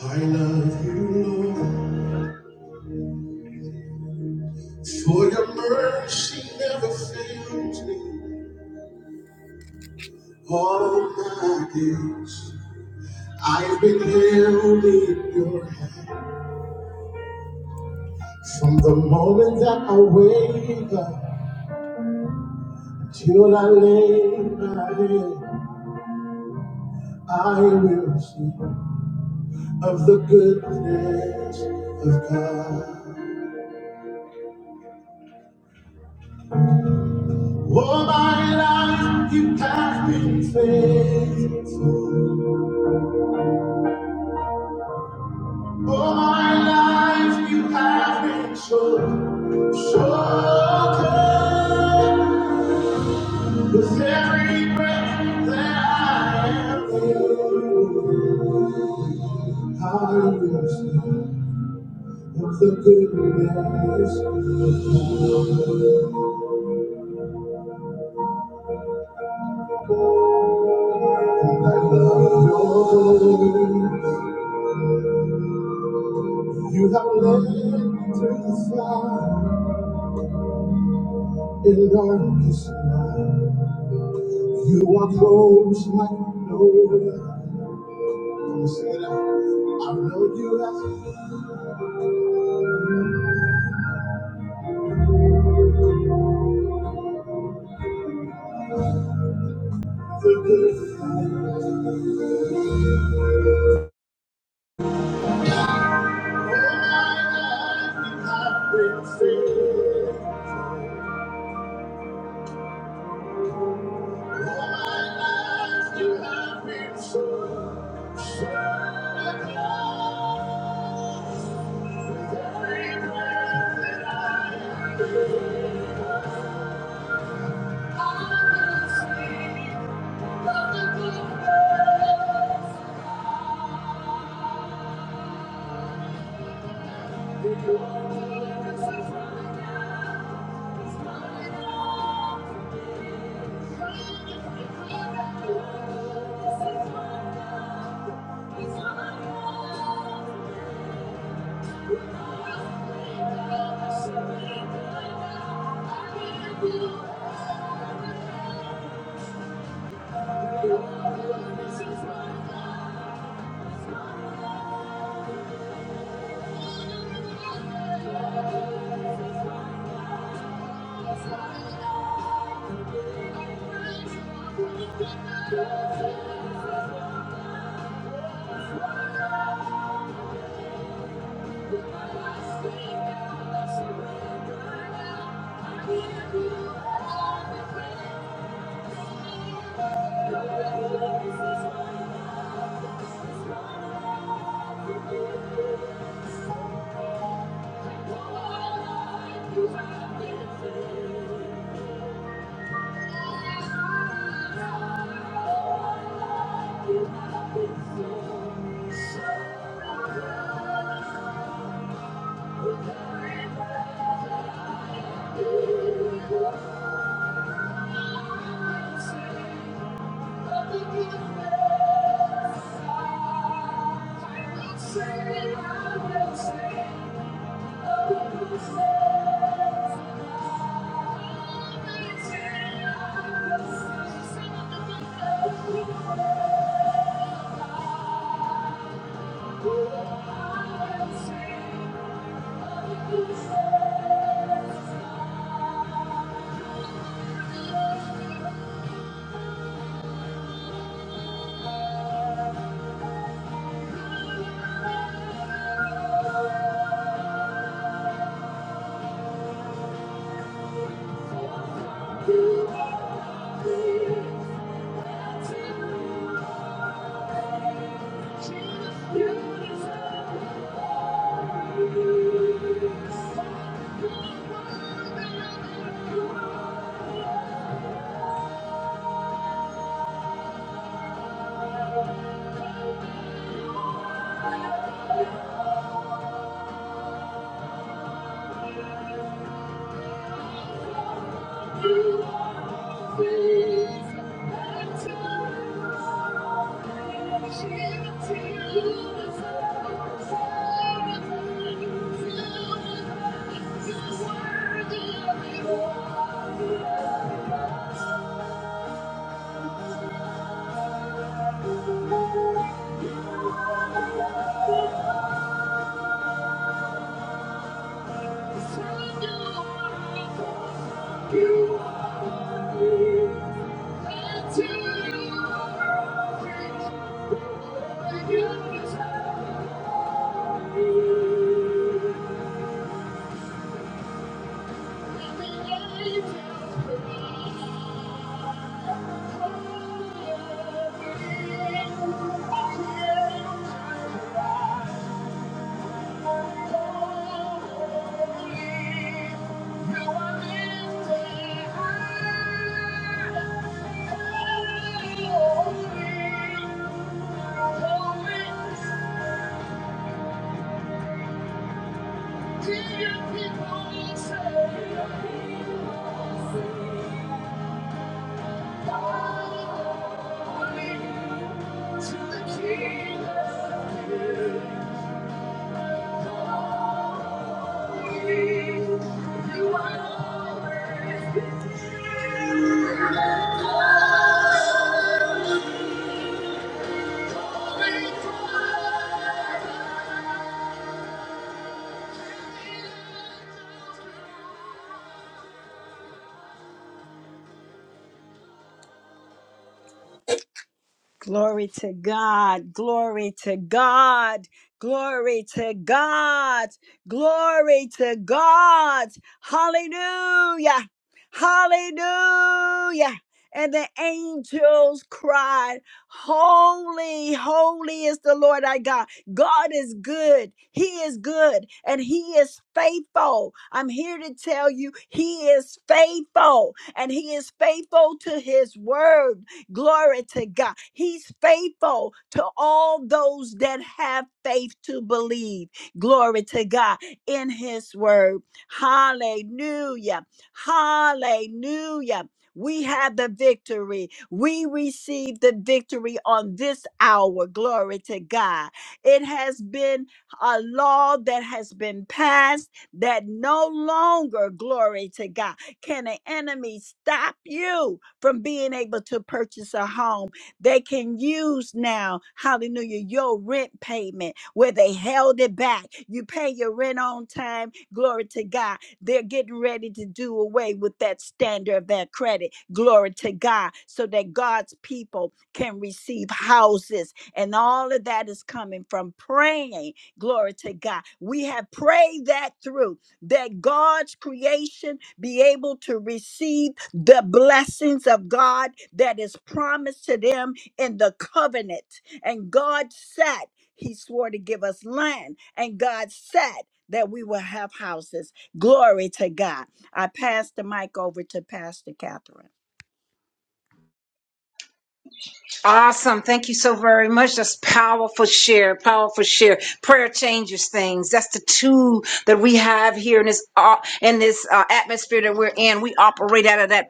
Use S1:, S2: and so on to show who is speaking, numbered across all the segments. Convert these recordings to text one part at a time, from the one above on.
S1: I love you, Lord, for your mercy never fails me. All my days I've been held in your hand. From the moment that I wake up till I lay my head, I will sing of the goodness of God. All my life you have been faithful. For my life, you have been so, so good. With every breath that I am, in, I will sing of the goodness and I love you. You have led me to the fire in darkest night. You are close like no other. Come on, sing it out. I know you have the good. Thank you. Thank you. Thank you. You are free. Jesus, you deserve. Thank you. Thank you. To the King of Kings. Thank you. Glory to God. Glory to God. Glory to God. Glory to God. Hallelujah. Hallelujah. And the angels cried, Holy, holy is the Lord our God. God is good. He is good and He is faithful. I'm here to tell you, He is faithful and He is faithful to His word. Glory to God. He's faithful to all those that have faith to believe. Glory to God in his word. Hallelujah. Hallelujah. We have the victory. We receive the victory on this hour. Glory to God. It has been a law that has been passed that no longer, glory to God. Can the enemy stop you from being able to purchase a home? They can use now, hallelujah, your rent payment where they held it back. You pay your rent on time. Glory to God. They're getting ready to do away with that standard of that credit. Glory to God. So that God's people can receive houses. And all of that is coming from praying. Glory to God. We have prayed that through that God's creation be able to receive the blessings of God that is promised to them in the covenant. And God said, He swore to give us land, and God said that we will have houses. Glory to God. I pass the mic over to Pastor Catherine.
S2: Awesome. Thank you so very much. That's powerful share, powerful share. Prayer changes things. That's the tool that we have here in this uh, in this uh, atmosphere that we're in. We operate out of that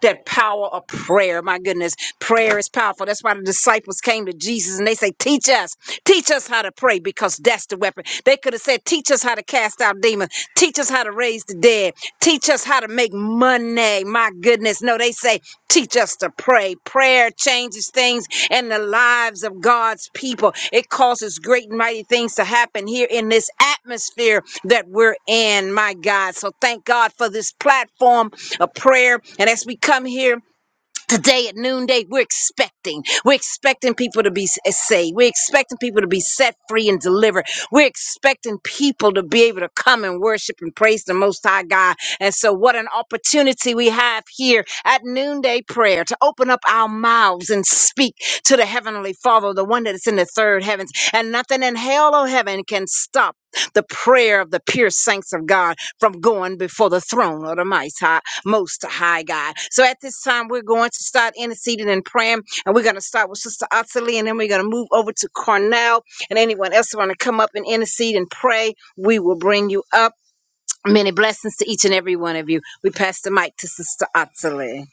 S2: that power of prayer. My goodness, prayer is powerful. That's why the disciples came to Jesus and they say, "Teach us. Teach us how to pray because that's the weapon." They could have said, "Teach us how to cast out demons. Teach us how to raise raise the dead. Teach us how to make money. My goodness. No, they say, teach us to pray. Prayer changes things in the lives of God's people. It causes great and mighty things to happen here in this atmosphere that we're in, my God. So thank God for this platform of prayer. And as we come here, Today at noonday, we're expecting. We're expecting people to be s- eh, saved. We're expecting people to be set free and delivered. We're expecting people to be able to come and worship and praise the Most High God. And so, what an opportunity we have here at noonday prayer to open up our mouths and speak to the Heavenly Father, the one that is in the third heavens. And nothing in hell or heaven can stop the prayer of the pure saints of God from going before the throne of the Most High, Most High God. So at this time, we're going to start interceding and praying, and we're going to start with Sister Ottilie, and then we're going to move over to Cornell and anyone else who want to come up and intercede and pray. We will bring you up. Many blessings to each and every one of you. We pass the mic to Sister Ottilie.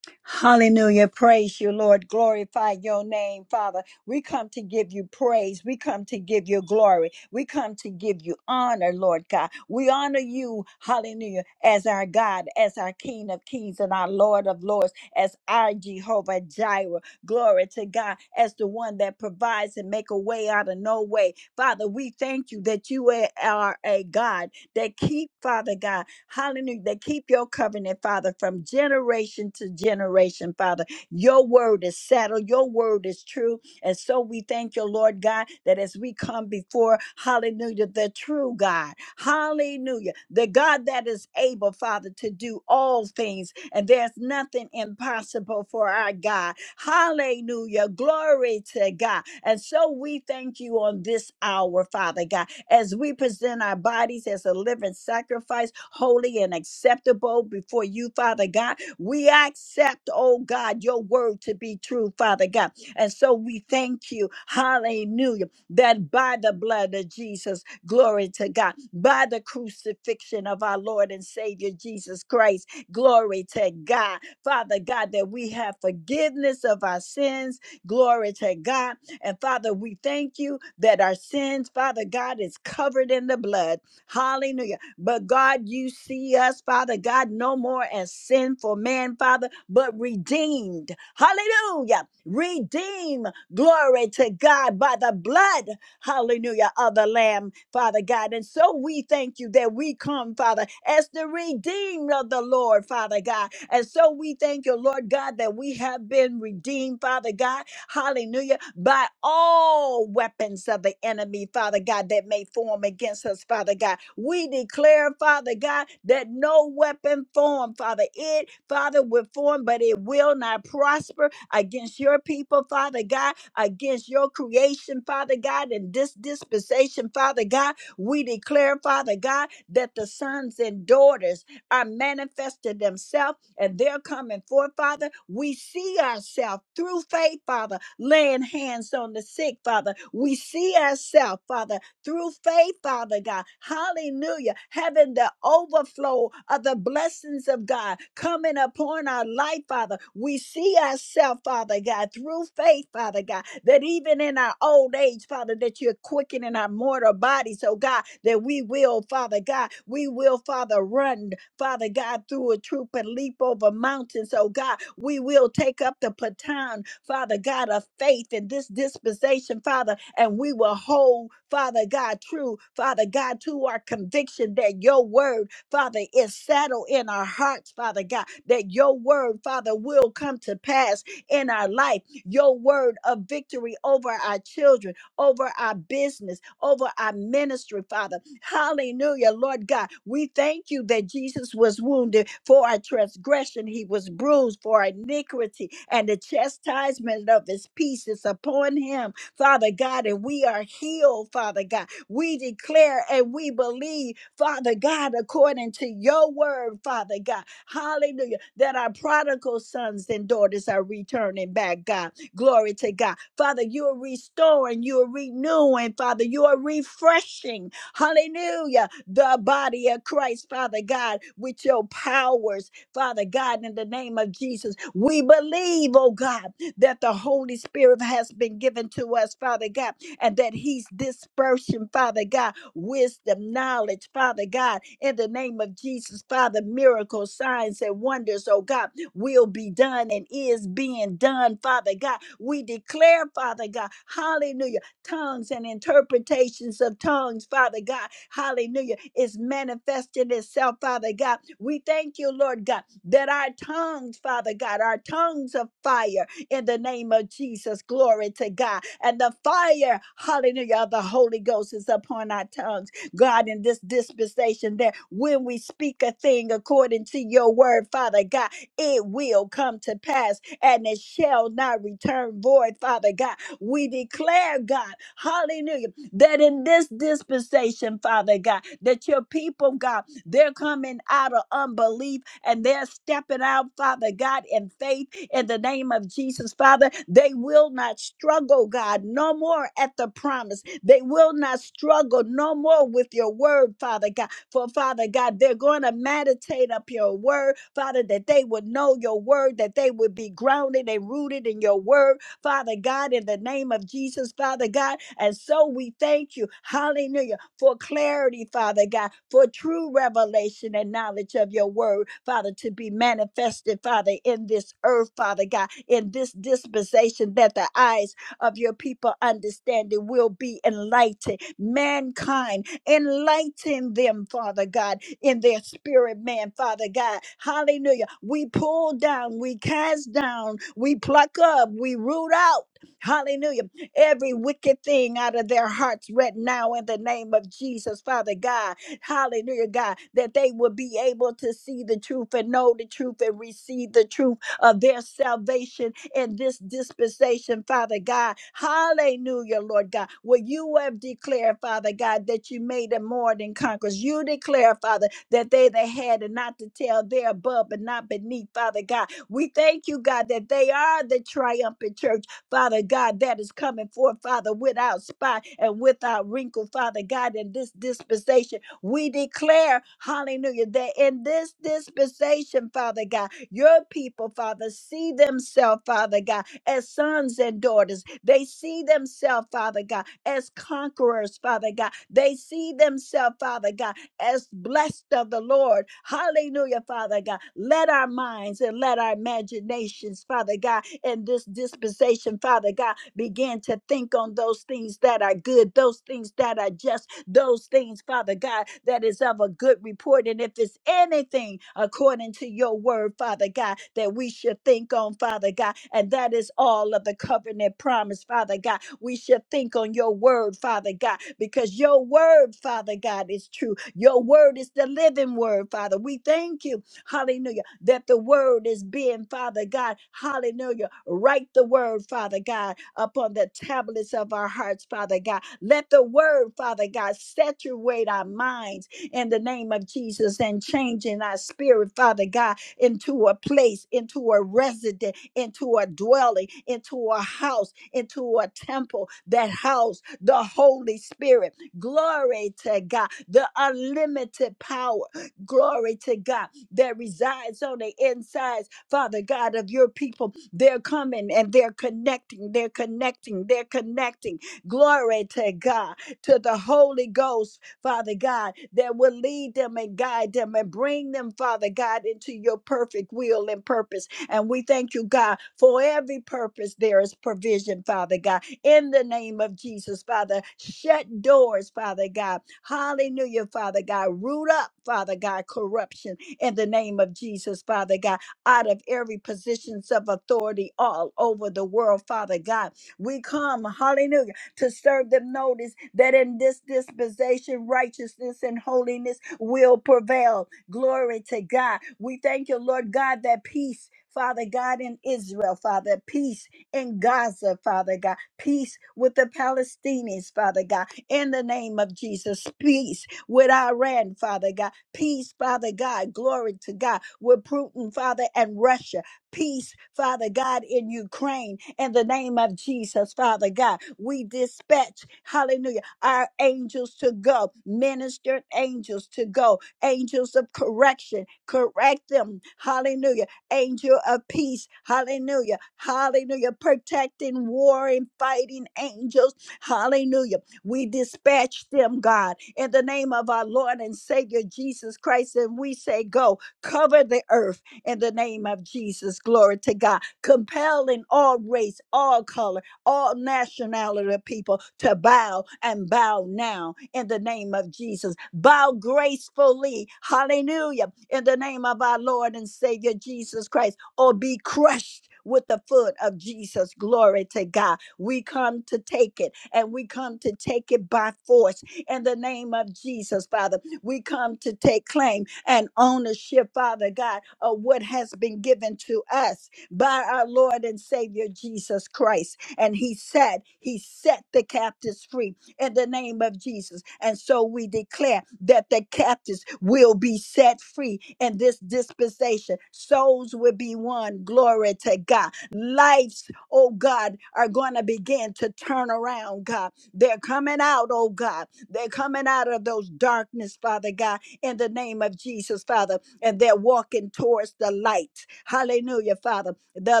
S1: Hallelujah. Praise you, Lord. Glorify your name, Father. We come to give you praise. We come to give you glory. We come to give you honor, Lord God. We honor you, hallelujah, as our God, as our King of kings and our Lord of lords, as our Jehovah Jireh. Glory to God, as the one that provides and make a way out of no way. Father, we thank you that you are a God that keep, Father God. Hallelujah. That keep your covenant, Father, from generation to generation, Father. Your word is settled. Your word is true. And so we thank you, Lord God, that as we come before, hallelujah, the true God, hallelujah, the God that is able, Father, to do all things. And there's nothing impossible for our God. Hallelujah. Glory to God. And so we thank you on this hour, Father God as we present our bodies as a living sacrifice, holy and acceptable before you, Father God. We accept, oh God, your word to be true, Father God. And so we thank you, hallelujah, that by the blood of Jesus, glory to God, by the crucifixion of our Lord and Savior Jesus Christ, glory to God, Father God, that we have forgiveness of our sins, glory to God and Father, we thank you that our sins, Father God, is covered in the blood. Hallelujah. But God, you see us, Father God, no more as sinful man, Father, but redeemed. Hallelujah. Redeem. Glory to God by the blood, hallelujah, of the Lamb, Father God. And so we thank you that we come, Father, as the redeemed of the Lord, Father God. And so we thank you, Lord God, that we have been redeemed, Father God Hallelujah. By all weapons of the enemy, Father God, that may form against us, Father God. We declare, Father God, that no weapon formed, Father, it, Father, will form, but it will not prosper against your people, Father God, against your creation, Father God, and this dispensation, Father God. We declare, Father God, that the sons and daughters are manifested themselves and they're coming forth, Father. We see ourselves through faith, Father, laying hands on the sick, Father. We see ourselves, Father, through faith, Father God. Hallelujah. Having the overflow of the blessings of God coming upon our life, Father. We see ourselves, Father God, through faith, Father God, that even in our old age, Father, that you're quickening our mortal bodies, oh God, that we will, Father God, we will, Father, run. Father God, through a troop and leap over mountains. Oh God, we will take up the baton, Father God, of faith in this dispensation, Father, and we will hold, Father God, true, Father God, to our conviction that your word, Father, is settled in our hearts, Father God, that your word, Father, will come to pass in our life. Your word of victory over our children, over our business, over our ministry, Father. Hallelujah, Lord God. We thank you that Jesus was wounded for our transgression, he was bruised for our iniquity, and the chastisement of his peace is upon him, Father God. And we are healed, Father God. We declare and we believe, Father God, according to your word, Father God. Hallelujah, that our prodigal sons and daughters are returning back, God. Glory to God. Father, you are restoring, you are renewing, Father, you are refreshing. Hallelujah. The body of Christ, Father God, with your powers, Father God, in the name of Jesus. We believe, oh God, that the Holy Spirit has been given to us, Father God, and that He's dispersing, Father God, wisdom, knowledge, Father God, in the name of Jesus, Father, miracles, signs, and wonders, oh God, will be done and is being done, Father God. We declare, Father God, hallelujah tongues and interpretations of tongues, Father God. Hallelujah. Is manifesting itself, Father God. We thank you, Lord God, that our tongues, Father God, our tongues of fire in the name of Jesus. Glory to God. And the fire, hallelujah, of the Holy Ghost is upon our tongues. God, in this dispensation, that when we speak a thing according to your word, Father God, it will come to pass and it shall not return void, Father God we declare, God, hallelujah, that in this dispensation, Father God, that your people, God, they're coming out of unbelief and they're stepping out, Father God, in faith in the name of Jesus, Father. They will not struggle, God, no more at the promise. They will not struggle no more with your word, Father God. For Father God, they're going to meditate up your word, Father, that they would know your word, that they would be grounded and rooted in your word, Father God, in the name of Jesus, Father God. And so we thank you, hallelujah, for clarity, Father God, for true revelation and knowledge of your word, Father, to be manifested, Father, in this earth, Father God, in this dispensation that the eyes of your people understanding will be enlightened. Mankind, enlighten them, Father God, in their spirit man, Father God. Hallelujah. We pull down, we cast down, we pluck up, we root out. Hallelujah. Every wicked thing out of their hearts right now in the name of Jesus, Father God. Hallelujah, God, that they will be able to see the truth and know the truth and receive the truth of their salvation in this dispensation, Father God. Hallelujah, Lord God. What you have declared, Father God, that you made them more than conquerors. You declare, Father, that they that had and not to tell, they're above and not beneath, Father God. We thank you, God, that they are the triumphant church, Father God, that is coming forth, Father, without spot and without wrinkle, Father God, in this dispensation. We declare, hallelujah, that in this dispensation, Father God, your people, Father, see themselves, Father God, as sons and daughters. They see themselves, Father God, as conquerors, Father God. They see themselves, Father God, as blessed of the Lord. Hallelujah, Father God. Let our minds and let our imaginations, Father God, in this dispensation, Father God, begin to think on those things that are good, those things that are just, those things, Father God, that is of a good report. And if it's anything according to your word, Father God, that we should think on, Father God, and that is all of the covenant promise, Father God. We should think on your word, Father God, because your word, Father God, is true. Your word is the living word, Father. We thank you, hallelujah, that the word is being, Father God, hallelujah. Write the word, Father God, upon the tablets of our hearts, Father God. Let the word, Father God, saturate our minds in the name of Jesus and change in our spirit, Father God, into a place, into a residence into a dwelling, into a house, into a temple that house the Holy Spirit. Glory to God, the unlimited power. Glory to God that resides on the insides, Father God, of your people. They're coming and they're connecting, they're connecting, they're connecting. Glory to God, to the Holy Ghost, Father God, that will lead them and guide them and bring them, Father God, into your perfect will and purpose and we thank you, God, for every purpose there is provision, Father God, in the name of Jesus, Father. Shut doors, Father God. Hallelujah, Father God. Root up, Father God, corruption in the name of Jesus, Father God, out of every positions of authority all over the world, Father God. We come, hallelujah to serve them notice that in this dispensation righteousness and holiness will prevail Glory to God. We thank you, Lord God, that peace, Father God, in Israel, Father, peace in Gaza, Father God, peace with the Palestinians, Father God, in the name of Jesus, peace with Iran, Father God, peace, Father God, glory to God, with Putin, Father, and Russia, peace, Father God, in Ukraine, in the name of Jesus, Father God. We dispatch, hallelujah, our angels to go, ministered angels to go, angels of correction, correct them. Hallelujah. Angel of peace, hallelujah. Hallelujah. Protecting, warring, fighting angels, hallelujah. We dispatch them, God, in the name of our Lord and Savior Jesus Christ. And we say, Go, cover the earth in the name of Jesus. Glory to God. Compelling all race, all color all nationality of people to bow and bow now in the name of Jesus. Bow gracefully, hallelujah, in the name of our Lord and Savior Jesus Christ, or be crushed with the foot of Jesus. Glory to God. We come to take it, and we come to take it by force in the name of Jesus, Father. We come to take claim and ownership, Father God, of what has been given to us by our Lord and Savior Jesus Christ and he said, He set the captives free in the name of Jesus. And so we declare that the captives will be set free in this dispensation. Souls will be won. Glory to God. Lives, oh God, are going to begin to turn around, God. They're coming out, oh God. They're coming out of those darkness, Father God in the name of Jesus, Father. And they're walking towards the light. Hallelujah, Father. The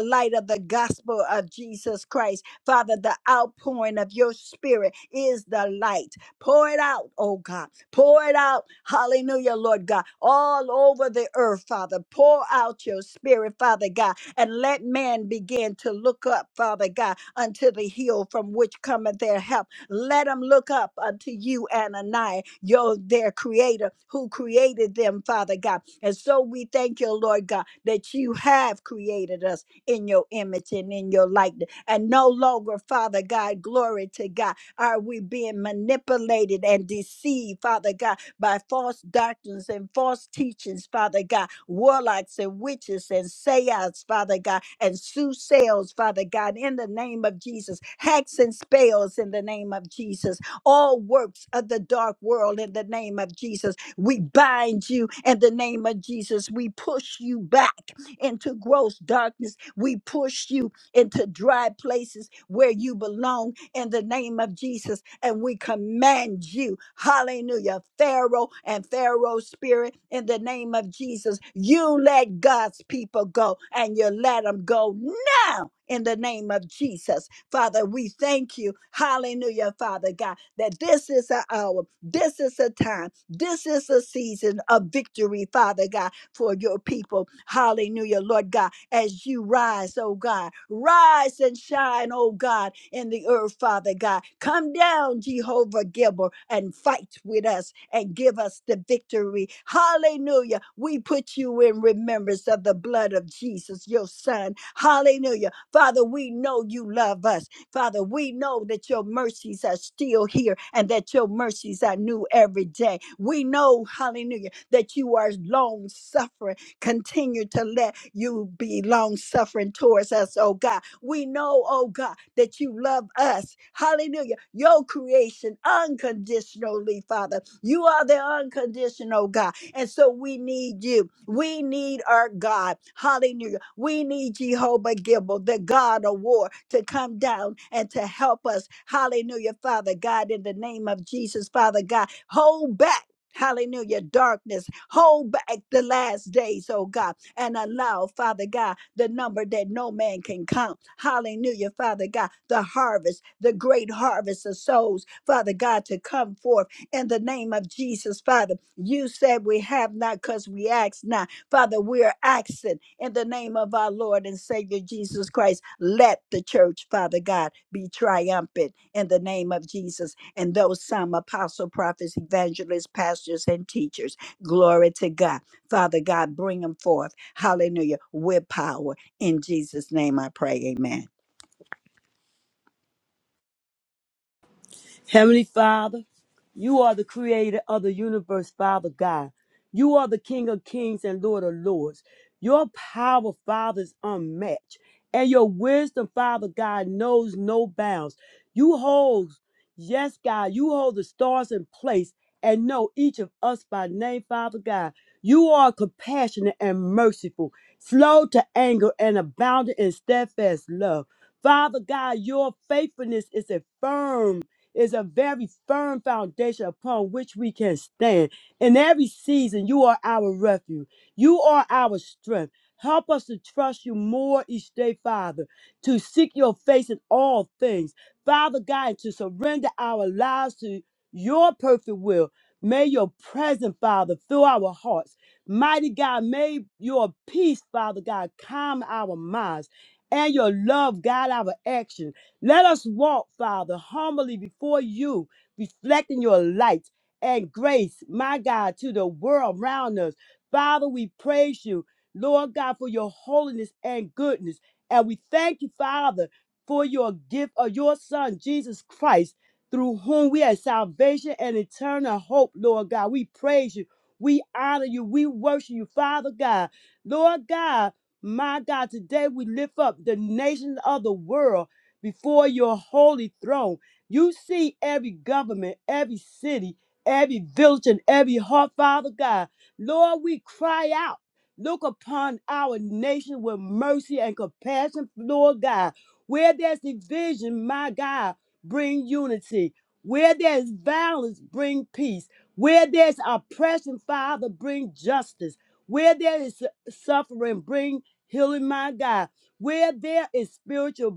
S1: light of the gospel of Jesus Christ. Father, the outpouring of your spirit is the light. Pour it out, oh God. Pour it out. Hallelujah, Lord God. All over the earth, Father. Pour out your spirit, Father God. And let man begin to look up, Father God, unto the hill from which cometh their help. Let them look up unto you, Ananiah, your their creator who created them, Father God. And so we thank you, Lord God, that you have created us in your image and in your likeness. And no longer, Father God, glory to God, are we being manipulated and deceived, Father God by false doctrines and false teachings, Father God, warlocks and witches and seance, Father God, and soothsayers, Father God, in the name of Jesus, hacks and spells in the name of Jesus, all works of the dark world in the name of Jesus. We bind you in the name of Jesus. We push you back into gross darkness. We push you into dry places where you belong in the name of Jesus. And we command you, hallelujah, Pharaoh and Pharaoh's spirit, in the name of Jesus. You let God's people go and you let them go now in the name of Jesus. Father, we thank you, hallelujah, Father God, that this is an hour, this is a time, this is a season of victory, Father God, for your people. Hallelujah, Lord God as you rise, oh God. Rise and shine, oh God, in the earth, Father God. Come down, Jehovah Gibber, and fight with us and give us the victory. Hallelujah. We put you in remembrance of the blood of Jesus, your son. Hallelujah. Father, we know you love us. Father, we know that your mercies are still here and that your mercies are new every day. We know, hallelujah, that you are long suffering. Continue to let you be long suffering towards us, oh God. We know, oh God, that you love us. Hallelujah. Your creation unconditionally, Father. You are the unconditional God. And so we need you. We need our God. Hallelujah. We need Jehovah Gibble, the God of war, to come down and to help us. Hallelujah, Father God, in the name of Jesus, Father God. Hold back. Hallelujah. Darkness. Hold back the last days, oh God, and allow, Father God, the number that no man can count. Hallelujah, Father God, the harvest, the great harvest of souls, Father God, to come forth in the name of Jesus, Father. You said we have not because we ask not. Father, we're asking in the name of our Lord and Savior Jesus Christ, let the church, Father God, be triumphant in the name of Jesus and those some apostle, prophets, evangelists, pastors, and teachers. Glory to God. Father God, bring them forth. Hallelujah. With power. In Jesus' name I pray. Amen.
S3: Heavenly Father, you are the creator of the universe, Father God. You are the King of kings and Lord of lords. Your power, Father, is unmatched. And your wisdom, Father God, knows no bounds. You hold, yes, God, you hold the stars in place and know each of us by name, Father God. You are compassionate and merciful, slow to anger and abounding in steadfast love. Father God, your faithfulness is a firm is a very firm foundation upon which we can stand. In every season, you are our refuge. You are our strength. Help us to trust you more each day, Father, to seek your face in all things. Father God, to surrender our lives to your perfect will. May your presence, Father, fill our hearts. Mighty God, may your peace, Father God, calm our minds and your love guide our actions. Let us walk, Father, humbly before you, reflecting your light and grace, my God, to the world around us. Father, we praise you, Lord God, for your holiness and goodness. And we thank you, Father, for your gift of your Son, Jesus Christ, through whom we have salvation and eternal hope, Lord God. We praise you. We honor you. We worship you, Father God. Lord God, my God, today we lift up the nations of the world before your holy throne. You see every government, every city, every village, and every heart, Father God. Lord, we cry out. Look upon our nation with mercy and compassion, Lord God. Where there's division, my God, bring unity. Where there's violence, bring peace. Where there's oppression, Father, bring justice. Where there is su- suffering, bring healing, my God. Where there is spiritual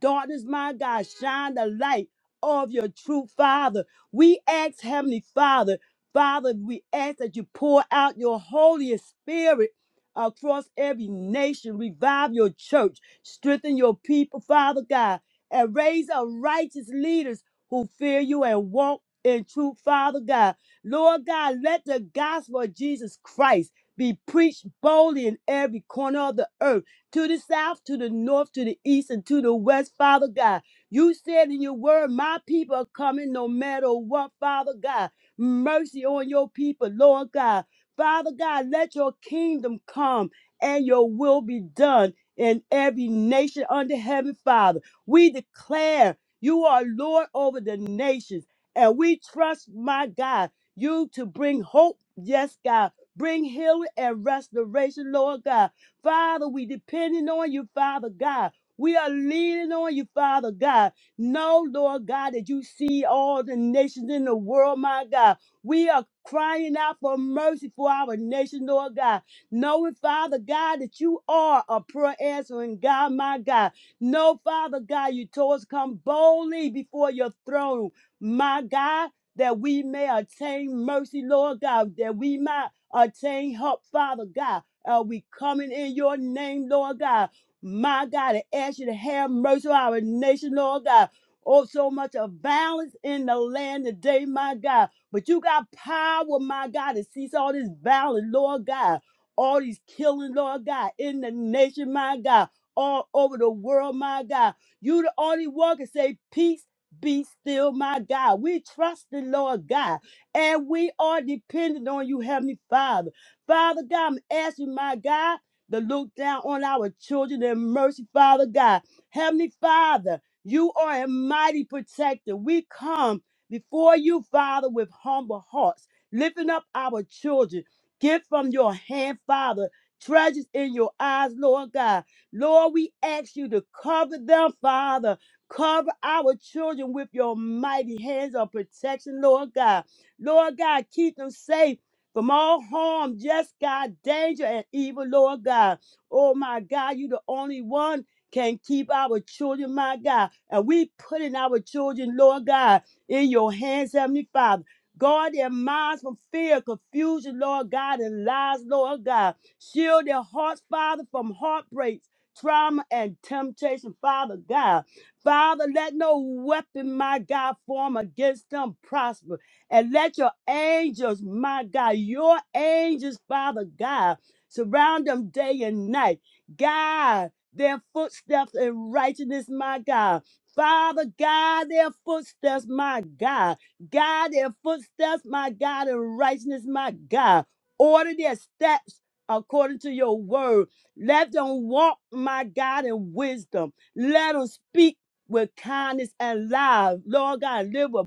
S3: daughters, my God, shine the light of your true Father. We ask, Heavenly Father, Father, we ask that you pour out your Holy Spirit across every nation. Revive your church, strengthen your people, Father God, and raise up righteous leaders who fear you and walk in truth, Father God. Lord God, let the gospel of Jesus Christ be preached boldly in every corner of the earth to the south, to the north, to the east, and to the west, Father God. You said in your word, My people are coming no matter what, Father God. Mercy on your people, Lord God. Father God, let your kingdom come and your will be done in every nation under heaven, Father. We declare you are Lord over the nations, and we trust, my God, you to bring hope, yes, God. Bring healing and restoration, Lord God. Father, we depending on you, Father God. We are leaning on you, Father God. Know, Lord God, that you see all the nations in the world, my God. We are crying out for mercy for our nation, Lord God. Knowing, Father God, that you are a prayer answering God, my God. Know, Father God, you told us come boldly before your throne, my God, that we may attain mercy, Lord God, that we might attain help, Father God. Uh, we coming in your name, Lord God. My God, I ask you to have mercy on our nation, Lord God. Oh, so much of violence in the land today, my God. But you got power, my God, to cease all this violence, Lord God. All these killing, Lord God, in the nation, my God. All over the world, my God. You the only one can say, peace be still, my God. We trust the Lord God. And we are dependent on you, Heavenly Father. Father God, I'm asking my God to look down on our children in mercy, Father God. Heavenly Father, you are a mighty protector. We come before you, Father, with humble hearts, lifting up our children. Give from your hand, Father, treasures in your eyes, Lord God. Lord, we ask you to cover them, Father. Cover our children with your mighty hands of protection, Lord God. Lord God, keep them safe from all harm, yes, God, danger and evil, Lord God. Oh my God, you the only one can keep our children, my God. And we put in our children, Lord God, in your hands, Heavenly Father. Guard their minds from fear, confusion, Lord God, and lies, Lord God. Shield their hearts, Father, from heartbreaks, trauma, and temptation, Father God. Father, let no weapon, my God, form against them prosper. And let your angels, my God, your angels, Father God, surround them day and night. God, their footsteps in righteousness, my God. Father God, their footsteps, my God. God, their footsteps, my God, in righteousness, my God. Order their steps according to your word. Let them walk, my God, in wisdom. Let them speak with kindness and love. Lord God, live with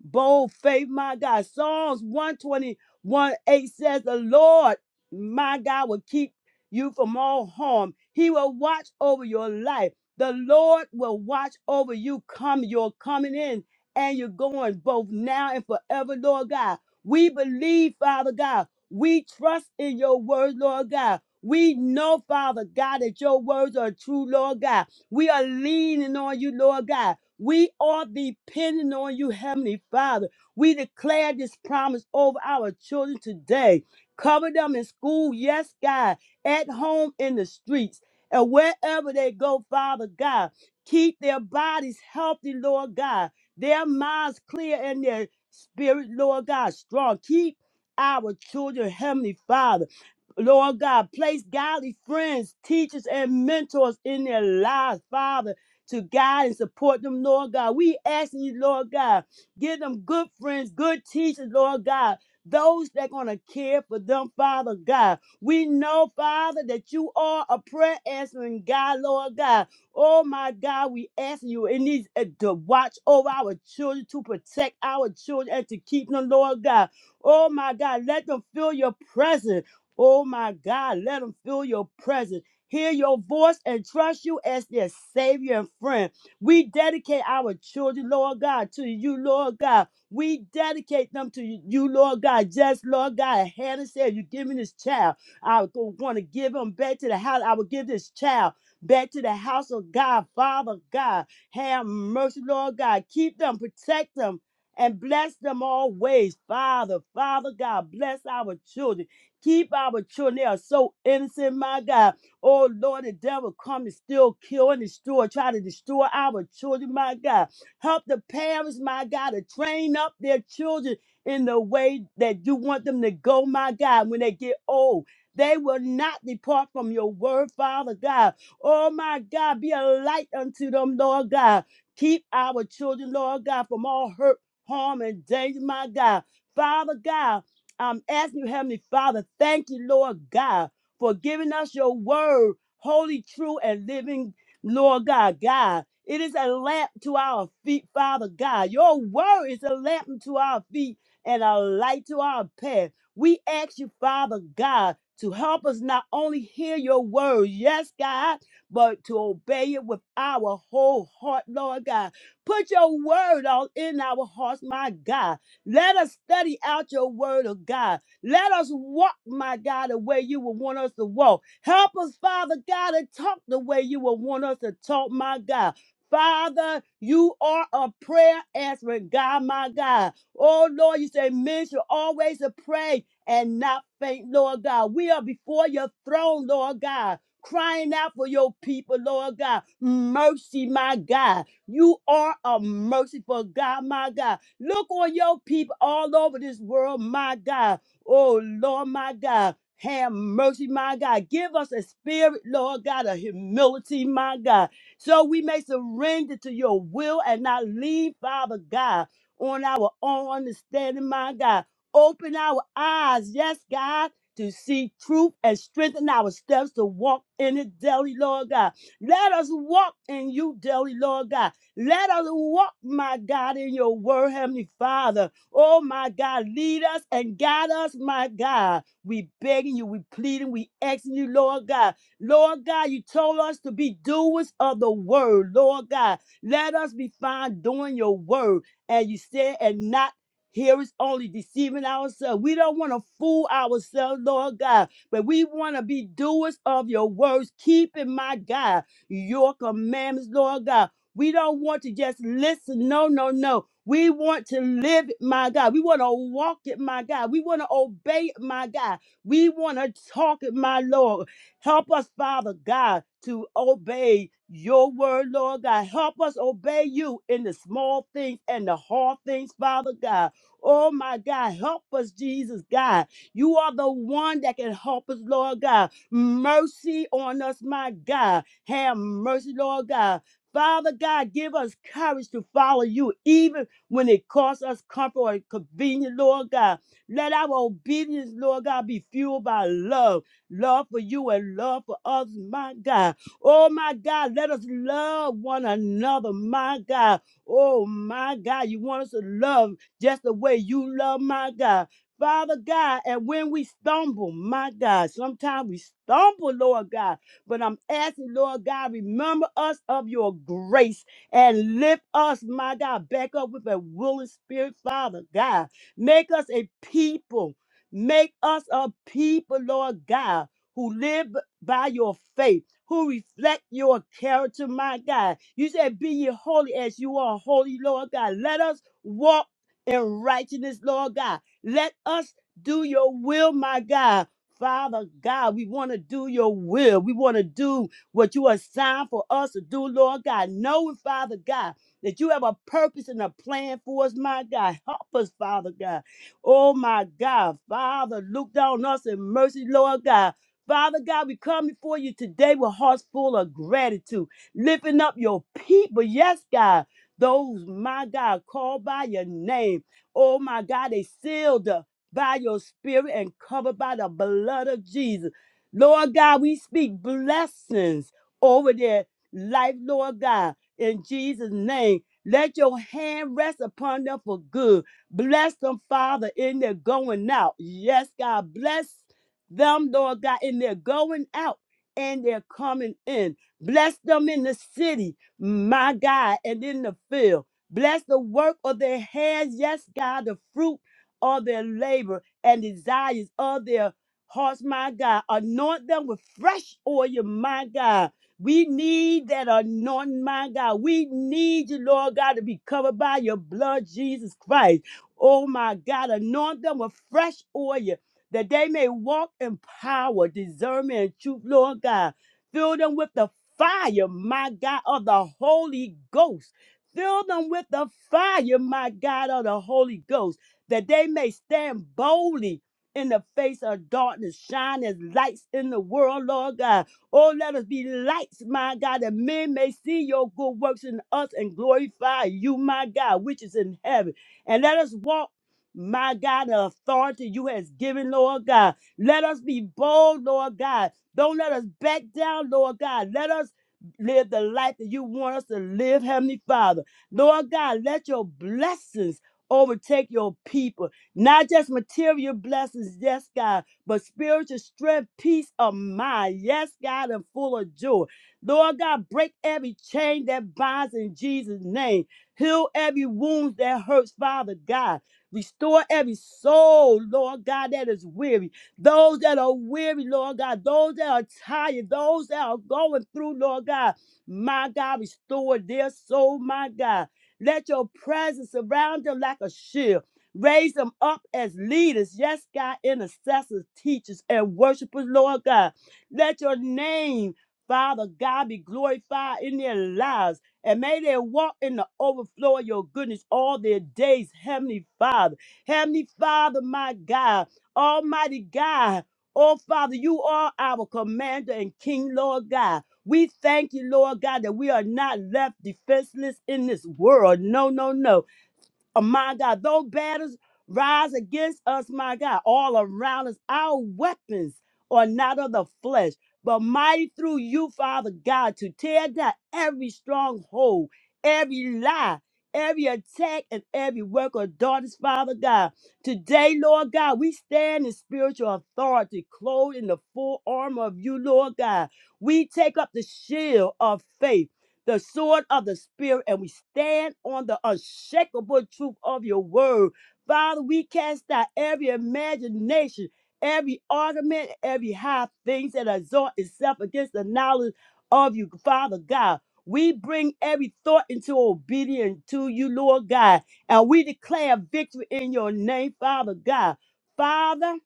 S3: bold faith, my God. Psalms 121 8 says, The Lord, my God, will keep you from all harm. He will watch over your life. The Lord will watch over you come, your coming in and your going, both now and forever, Lord God. We believe, Father God. We trust in your word, Lord God. We know, Father God, that your words are true, Lord God. We are leaning on you, Lord God. We are depending on you, Heavenly Father. We declare this promise over our children today. Cover them in school, yes, God, at home in the streets, and wherever they go, Father God. Keep their bodies healthy, Lord God, their minds clear and their spirit, Lord God, strong. Keep our children, Heavenly Father. Lord God, place godly friends, teachers, and mentors in their lives, Father to guide and support them, Lord God. We asking you, Lord God, give them good friends, good teachers, Lord God. Those that gonna care for them, Father God. We know, Father, that you are a prayer answering God, Lord God. Oh my God, we asking you in these uh, to watch over our children, to protect our children, and to keep them, Lord God. Oh my God, let them feel your presence. Oh my God, let them feel your presence hear your voice and trust you as their savior and friend. We dedicate our children, Lord God, to you, Lord God. We dedicate them to you, Lord God. Just, Lord God, Hannah said, You give me this child. I want to give him back to the house. I will give this child back to the house of God. Father God, have mercy, Lord God. Keep them, protect them. And bless them always, Father. Father God, bless our children. Keep our children. They are so innocent, my God. Oh Lord, the devil come and still kill and destroy, try to destroy our children, my God. Help the parents, my God, to train up their children in the way that you want them to go, my God, when they get old. They will not depart from your word, Father God. Oh my God, be a light unto them, Lord God. Keep our children, Lord God, from all hurt, harm, and danger, my God. Father God, I'm asking you, Heavenly Father, thank you, Lord God for giving us your word, holy, true, and living, Lord God. God, it is a lamp to our feet, Father God. Your word is a lamp to our feet and a light to our path. We ask you, Father God, to help us not only hear your word, yes, God, but to obey it with our whole heart, Lord God. Put your word on in our hearts, my God. Let us study out your word of God let us walk, my God, the way you would want us to walk. Help us, Father God, to talk the way you would want us to talk, my God. Father, you are a prayer answering God, my God. Oh, Lord, you say men should always to pray and not faint, Lord God. We are before your throne, Lord God, crying out for your people, Lord God. Mercy, my God. You are a merciful God, my God. Look on your people all over this world, my God. Oh, Lord, my God. Have mercy, my God. Give us a spirit, Lord God, of humility, my God, so we may surrender to your will and not lean, Father God, on our own understanding, my God. Open our eyes, yes, God, to see truth and strengthen our steps to walk in it daily, Lord God. Let us walk in you daily, Lord God. Let us walk, my God, in your word, Heavenly Father. Oh my God, lead us and guide us, my God. We begging you, we pleading, we asking you, Lord God. Lord God, you told us to be doers of the word, Lord God. Let us be found doing your word. And you said, and not hearers only, deceiving ourselves. We don't want to fool ourselves, Lord God, but we want to be doers of your words, keeping, my God, your commandments, Lord God. We don't want to just listen. No, no, no. We want to live, it, my God. We want to walk it, my God. We want to obey it, my God. We want to talk it, my Lord. Help us, Father God, to obey your word, Lord God. Help us obey you in the small things and the hard things, Father God. Oh, my God. Help us, Jesus, God. You are the one that can help us, Lord God. Mercy on us, my God. Have mercy, Lord God. Father God, give us courage to follow you, even when it costs us comfort or convenience, Lord God. Let our obedience, Lord God, be fueled by love. Love for you and love for us, my God. Oh, my God, let us love one another, my God. Oh, my God, you want us to love just the way you love, my God. Father God, and when we stumble, my God, sometimes we stumble, Lord God, but I'm asking, Lord God, remember us of your grace and lift us, my God, back up with a willing spirit, Father God. Make us a people. Make us a people, Lord God, who live by your faith, who reflect your character, my God. You said, Be ye holy as you are holy, Lord God. Let us walk in righteousness, Lord God. Let us do your will, my God. Father God, we want to do your will. We want to do what you assigned for us to do, Lord God, knowing, Father God, that you have a purpose and a plan for us, my God. Help us, Father God. Oh, my God. Father, look down on us in mercy, Lord God. Father God, we come before you today with hearts full of gratitude, lifting up your people. Yes, God. Those, my God, called by your name. Oh, my God, they sealed up by your spirit and covered by the blood of Jesus. Lord God, we speak blessings over their life, Lord God, in Jesus' name. Let your hand rest upon them for good. Bless them, Father, in their going out. Yes, God, bless them, Lord God, in their going out and their coming in. Bless them in the city, my God, and in the field. Bless the work of their hands. Yes, God, the fruit of their labor and desires of their hearts, my God. Anoint them with fresh oil, my God. We need that anointing, my God. We need you, Lord God, to be covered by your blood, Jesus Christ. Oh, my God. Anoint them with fresh oil that they may walk in power, discernment, and truth, Lord God. Fill them with the fire, my God, of the Holy Ghost. Fill them with the fire, my God, of the Holy Ghost, that they may stand boldly in the face of darkness, shine as lights in the world, Lord God. Oh, let us be lights, my God, that men may see your good works in us and glorify you, my God, which is in heaven. And let us walk. My God, the authority you has given, Lord God. Let us be bold, Lord God. Don't let us back down, Lord God. Let us live the life that you want us to live, Heavenly Father. Lord God, let your blessings overtake your people. Not just material blessings, yes, God, but spiritual strength, peace of mind, yes, God, and full of joy. Lord God, break every chain that binds in Jesus' name. Heal every wound that hurts, Father God. Restore every soul, Lord God, that is weary. Those that are weary, Lord God. Those that are tired. Those that are going through, Lord God. My God, restore their soul, my God. Let your presence surround them like a shield. Raise them up as leaders, yes, God, intercessors, teachers, and worshipers, Lord God. Let your name, Father God, be glorified in their lives, and may they walk in the overflow of your goodness all their days, Heavenly Father. Heavenly Father, my God, Almighty God, oh Father, you are our commander and King, Lord God. We thank you, Lord God, that we are not left defenseless in this world. No, no, no Oh, my God, though battles rise against us, my God, all around us, our weapons are not of the flesh, but mighty through you, Father God, to tear down every stronghold, every lie, every attack, and every work of darkness, Father God. Today, Lord God, we stand in spiritual authority, clothed in the full armor of you, Lord God. We take up the shield of faith the sword of the Spirit, and we stand on the unshakable truth of your word. Father, we cast out every imagination, every argument, every high things that exalt itself against the knowledge of you, Father God. We bring every thought into obedience to you, Lord God, and we declare victory in your name, Father God. Father,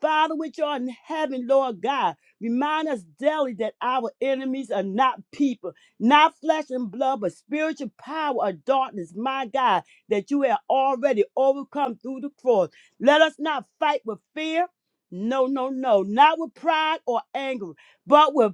S3: Father, which art in heaven, Lord God, remind us daily that our enemies are not people, not flesh and blood, but spiritual power of darkness, my God, that you have already overcome through the cross. Let us not fight with fear. No, no, no, not with pride or anger, but with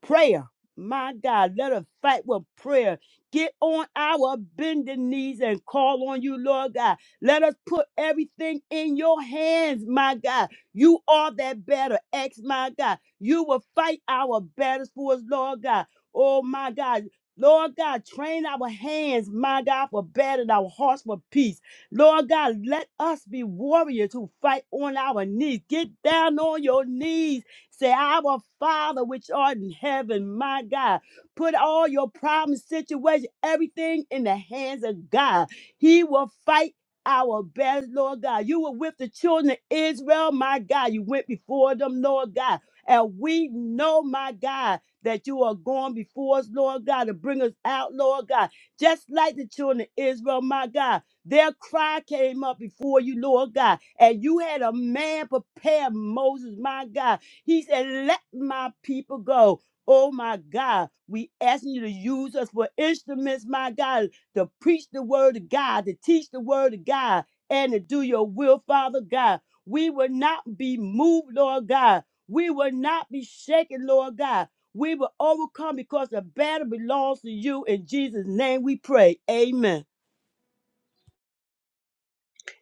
S3: Prayer, my God, let us fight with prayer. Get on our bending knees and call on you, Lord God. Let us put everything in your hands, my God. You are that battle, ex, my God. You will fight our battles for us, Lord God. Oh, my God. Lord God, train our hands, my God, for battle and our hearts for peace. Lord God, let us be warriors who fight on our knees. Get down on your knees Say, Our Father, which art in heaven, my God, put all your problems, situation, everything in the hands of God. He will fight. Our best, Lord God. You were with the children of Israel, my God. You went before them, Lord God. And we know, my God, that you are going before us, Lord God, to bring us out, Lord God. Just like the children of Israel, my God, their cry came up before you, Lord God. And you had a man prepare Moses, my God he said, Let my people go. Oh my God, we asking you to use us for instruments, my God, to preach the word of God, to teach the word of God, and to do your will, Father God. We will not be moved, Lord God. We will not be shaken, Lord God. We will overcome because the battle belongs to you. In Jesus' name we pray. Amen.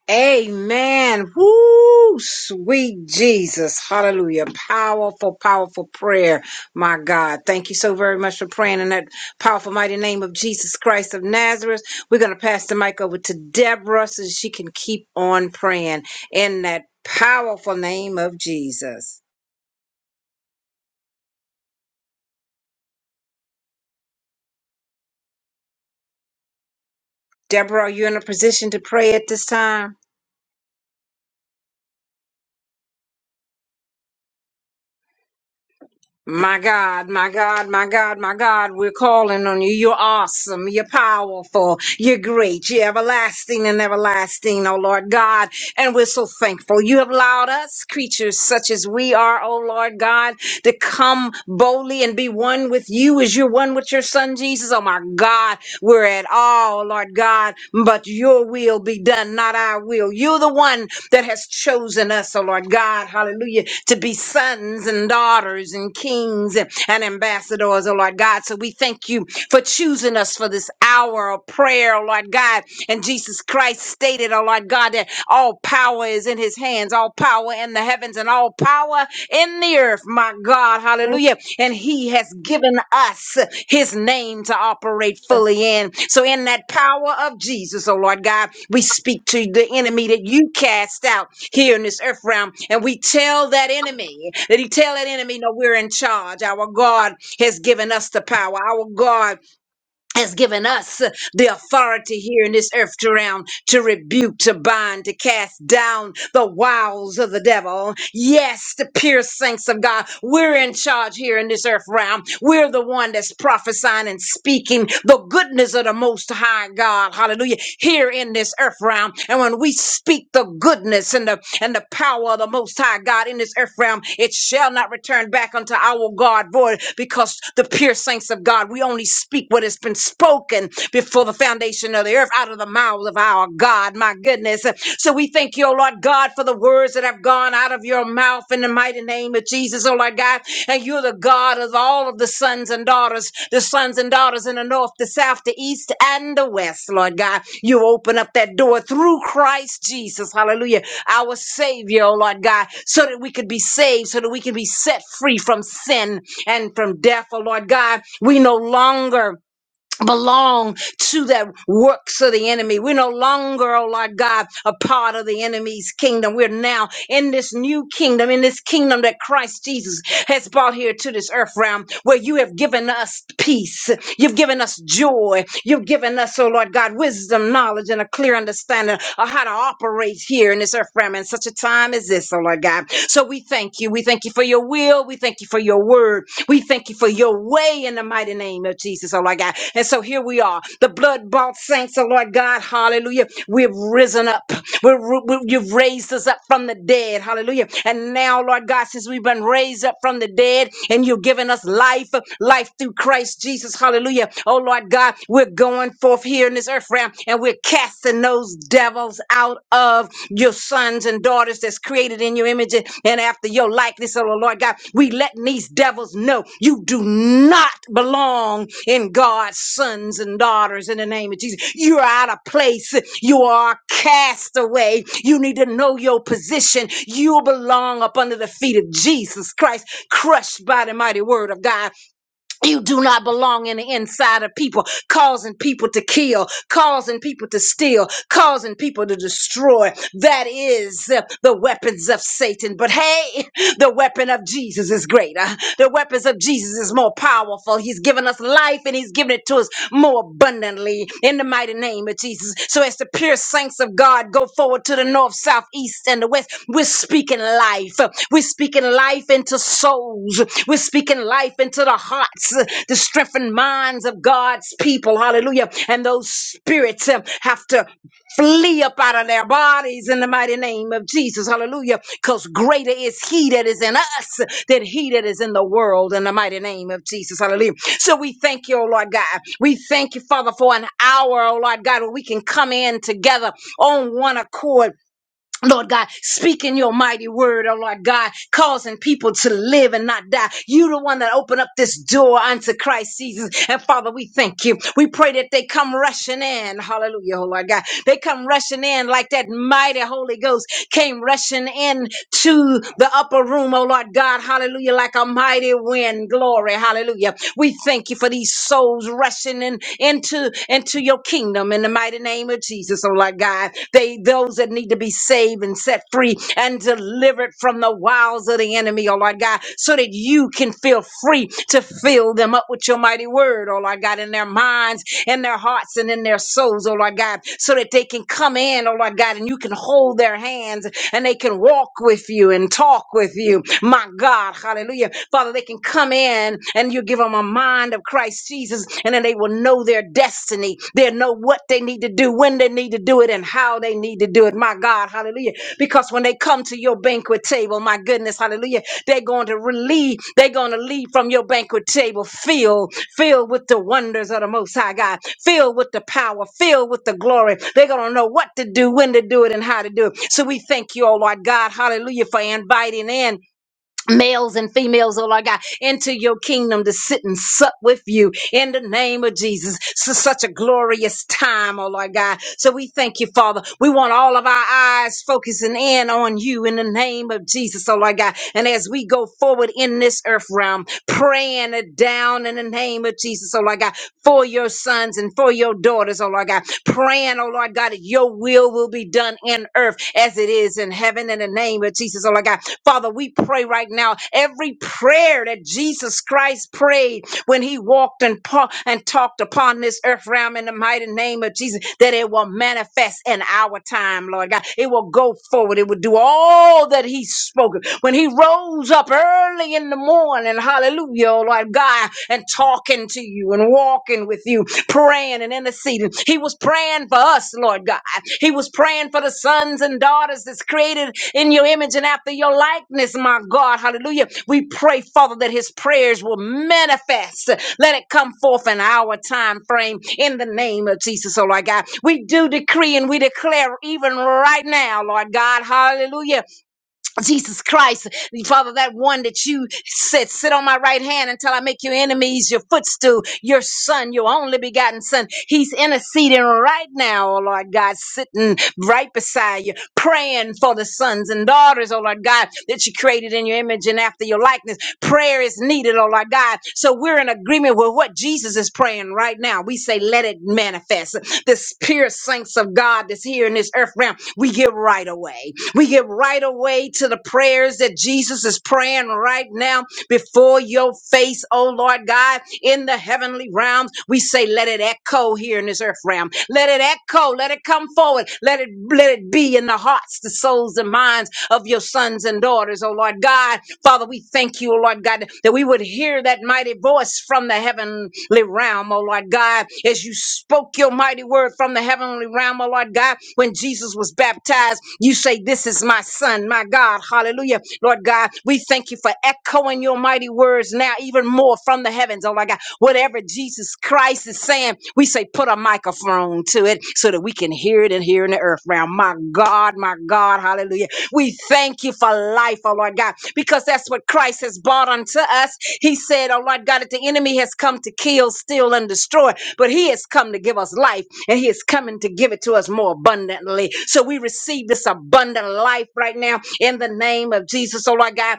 S2: Amen. Woo, sweet Jesus. Hallelujah. Powerful, powerful prayer. My God. Thank you so very much for praying in that powerful, mighty name of Jesus Christ of Nazareth. We're going to pass the mic over to Deborah so she can keep on praying in that powerful name of Jesus. Deborah, are you in a position to pray at this time? My God, my God, my God, my God, we're calling on you. You're awesome. You're powerful. You're great. You're everlasting and everlasting, oh Lord God. And we're so thankful. You have allowed us, creatures such as we are, oh Lord God, to come boldly and be one with you as you're one with your son Jesus. Oh my God, we're at all, Lord God, but your will be done, not our will. You're the one that has chosen us, oh Lord God, hallelujah, to be sons and daughters and kings and, and ambassadors, oh Lord God. So we thank you for choosing us for this hour of prayer, oh Lord God. And Jesus Christ stated, oh Lord God, that all power is in his hands, all power in the heavens and all power in the earth, my God, hallelujah. And he has given us his name to operate fully in. So, in that power of Jesus, oh Lord God, we speak to the enemy that you cast out here in this earth realm, and we tell that enemy that he tell that enemy, no, we're in charge. Our God has given us the power. Our God has given us the authority here in this earth to realm to rebuke, to bind, to cast down the wiles of the devil. Yes, the pure saints of God, we're in charge here in this earth realm. We're the one that's prophesying and speaking the goodness of the Most High God. Hallelujah. Here in this earth realm. And when we speak the goodness and the and the power of the Most High God in this earth realm. It shall not return back unto our God void because the pure saints of God, we only speak what has been spoken before the foundation of the earth out of the mouths of our God. My goodness. So we thank you, O Lord God, for the words that have gone out of your mouth in the mighty name of Jesus, O Lord God. And you're the God of all of the sons and daughters, the sons and daughters in the north, the south, the east, and the west, Lord God. You open up that door through Christ Jesus, hallelujah, our Savior, oh Lord God, so that we could be saved, so that we can be set free from sin and from death, oh Lord God. We no longer belong to the works of the enemy. We're no longer, oh Lord God, a part of the enemy's kingdom. We're now in this new kingdom, in this kingdom that Christ Jesus has brought here to this earth realm, where you have given us peace. You've given us joy. You've given us, oh Lord God, wisdom, knowledge, and a clear understanding of how to operate here in this earth realm in such a time as this, oh Lord God. So we thank you. We thank you for your will. We thank you for your word. We thank you for your way in the mighty name of Jesus, oh Lord God. And so here we are, the blood bought saints, oh Lord God, hallelujah. We've risen up. We're, we you've raised us up from the dead, hallelujah. And now, Lord God, since we've been raised up from the dead and you've given us life, life through Christ Jesus, hallelujah. Oh Lord God, we're going forth here in this earth realm and we're casting those devils out of your sons and daughters that's created in your image and after after your likeness, oh Lord God. We letting these devils know you do not belong in God's sons and daughters in the name of Jesus. You are out of place. You are a castaway. You need to know your position. You belong up under the feet of Jesus Christ, crushed by the mighty word of God. You do not belong in the inside of people, causing people to kill, causing people to steal, causing people to destroy. That is uh, the weapons of Satan. But hey, the weapon of Jesus is greater. The weapons of Jesus is more powerful. He's given us life and he's given it to us more so abundantly in the mighty name of Jesus. So as the pure saints of God go forward to the north, south, east, and the west, we're speaking life. We're speaking life into souls. We're speaking life into the hearts, the strengthened minds of God's people. Hallelujah. And those spirits uh, have to flee up out of their bodies in the mighty name of Jesus. Hallelujah. Because greater is he that is in us than he that is in the world in the mighty name of Jesus. Hallelujah. So we thank you, oh Lord God. We thank you, Father, for an hour, oh Lord God, where we can come in together on one accord Lord God, speaking your mighty word, oh Lord God, causing people to live and not die. You the one that opened up this door unto Christ Jesus. And Father, we thank you. We pray that they come rushing in. Hallelujah, oh Lord God. They come rushing in like that mighty Holy Ghost came rushing in to the upper room, oh Lord God. Hallelujah, like a mighty wind. Glory, hallelujah. We thank you for these souls rushing in into, into your kingdom kingdom in the mighty name of Jesus, oh Lord God. They those that need to be saved and set free and delivered from the wiles of the enemy, oh Lord God, so that you can feel free to fill them up with your mighty word, oh Lord God, in their minds, in their hearts, and in their souls, oh Lord God, so that they can come in, oh Lord God, and you can hold their hands and they can walk with you and talk with you. My God, hallelujah. Father, they can come in and you give them a a mind of Christ Jesus, and then they will know their destiny. They'll know what they need to do, when they need to do it, and how they need to do it. My God, hallelujah. Because when they come to your banquet table, my goodness, hallelujah, they're going to relieve, they're going to leave from your banquet table filled, filled with the wonders of the Most High God, filled with the power, filled with the glory. They're going to know what to do, when to do it, and how to do it. So we thank you, oh Lord God, hallelujah, for inviting in males and females, oh Lord God, into your kingdom to sit and sup with you in the name of Jesus. So such a glorious time, oh Lord God. So we thank you, Father. We want all of our eyes focusing in on you in the name of Jesus, oh Lord God. And as we go forward in this earth realm, praying it down in the name of Jesus, oh Lord God, for your sons and for your daughters, oh Lord God, praying, oh Lord God, that your will will be done in earth as it is in heaven in the name of Jesus, oh Lord God. Father, we pray right now every prayer that Jesus Christ prayed when he walked and, pa- and talked upon this earth realm in the mighty name of Jesus, that it will manifest in our time, Lord God. It will go forward. It will do all that he spoke. When he rose up early in the morning, hallelujah, oh Lord God, and talking to you and walking with you praying and interceding. He was praying for us, Lord God. He was praying for the sons and daughters that's created in your image and after your likeness, my God. Hallelujah. We pray, Father, that his prayers will manifest. Let it come forth in our time frame in the name of Jesus, oh Lord God. We do decree and we declare even right now, Lord God. Hallelujah Jesus Christ, Father, that one that you said, sit on my right hand until I make your enemies your footstool, your son, your only begotten son. He's interceding right now, oh Lord God, sitting right beside you, praying for the sons and daughters, oh Lord God, that you created in your image and after your likeness. Prayer is needed, oh Lord God. So we're in agreement with what Jesus is praying right now. We say, let it manifest. This pure saints of God that's here in this earth realm, we give right away. We get right away to the prayers that Jesus is praying right now before your face, oh Lord God, in the heavenly realms. We say, let it echo here in this earth realm. Let it echo. Let it come forward. Let it let it be in the hearts, the souls, and minds of your sons and daughters, oh Lord God Father, we thank you, oh Lord God, that we would hear that mighty voice from the heavenly realm, oh Lord God, as you spoke your mighty word from the heavenly realm, oh Lord God, when Jesus was baptized, you say, This is my son, my God, hallelujah. Lord God, we thank you for echoing your mighty words now, even more from the heavens, oh Lord God. Whatever Jesus Christ is saying, we say, put a microphone to it so that we can hear it and hear in the earth realm. My God, my God, hallelujah. We thank you for life, oh Lord God, because that's what Christ has brought unto us. He said, oh Lord God, that the enemy has come to kill, steal, and destroy, but he has come to give us life, and he is coming to give it to us more abundantly. So we receive this abundant life right now in the name of Jesus, oh Lord God.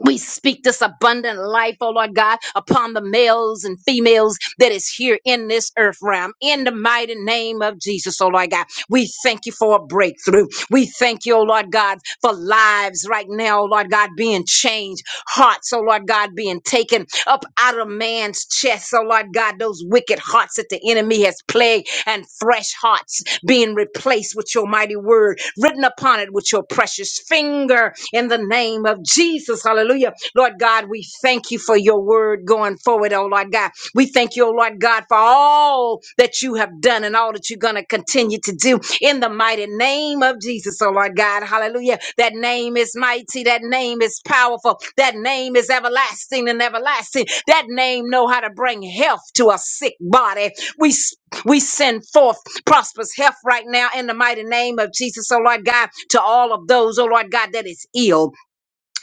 S2: We speak this abundant life, oh Lord God, upon the males and females that is here in this earth realm. In the mighty name of Jesus, oh Lord God, we thank you for a breakthrough. We thank you, oh Lord God, for lives right now, oh Lord God, being changed, hearts, oh Lord God, being taken up out of man's chest, oh Lord God, those wicked hearts that the enemy has plagued and fresh hearts being replaced with your mighty word written upon it with your precious finger in the name of Jesus. Hallelujah. Lord God, we thank you for your word going forward, oh Lord God. We thank you, oh Lord God, for all that you have done and all that you're going to continue to do in the mighty name of Jesus, oh Lord God. Hallelujah. That name is mighty. That name is powerful. That name is everlasting and everlasting. That name know how to bring health to a sick body. We we send forth prosperous health right now in the mighty name of Jesus, oh Lord God, to all of those, oh Lord God, that is ill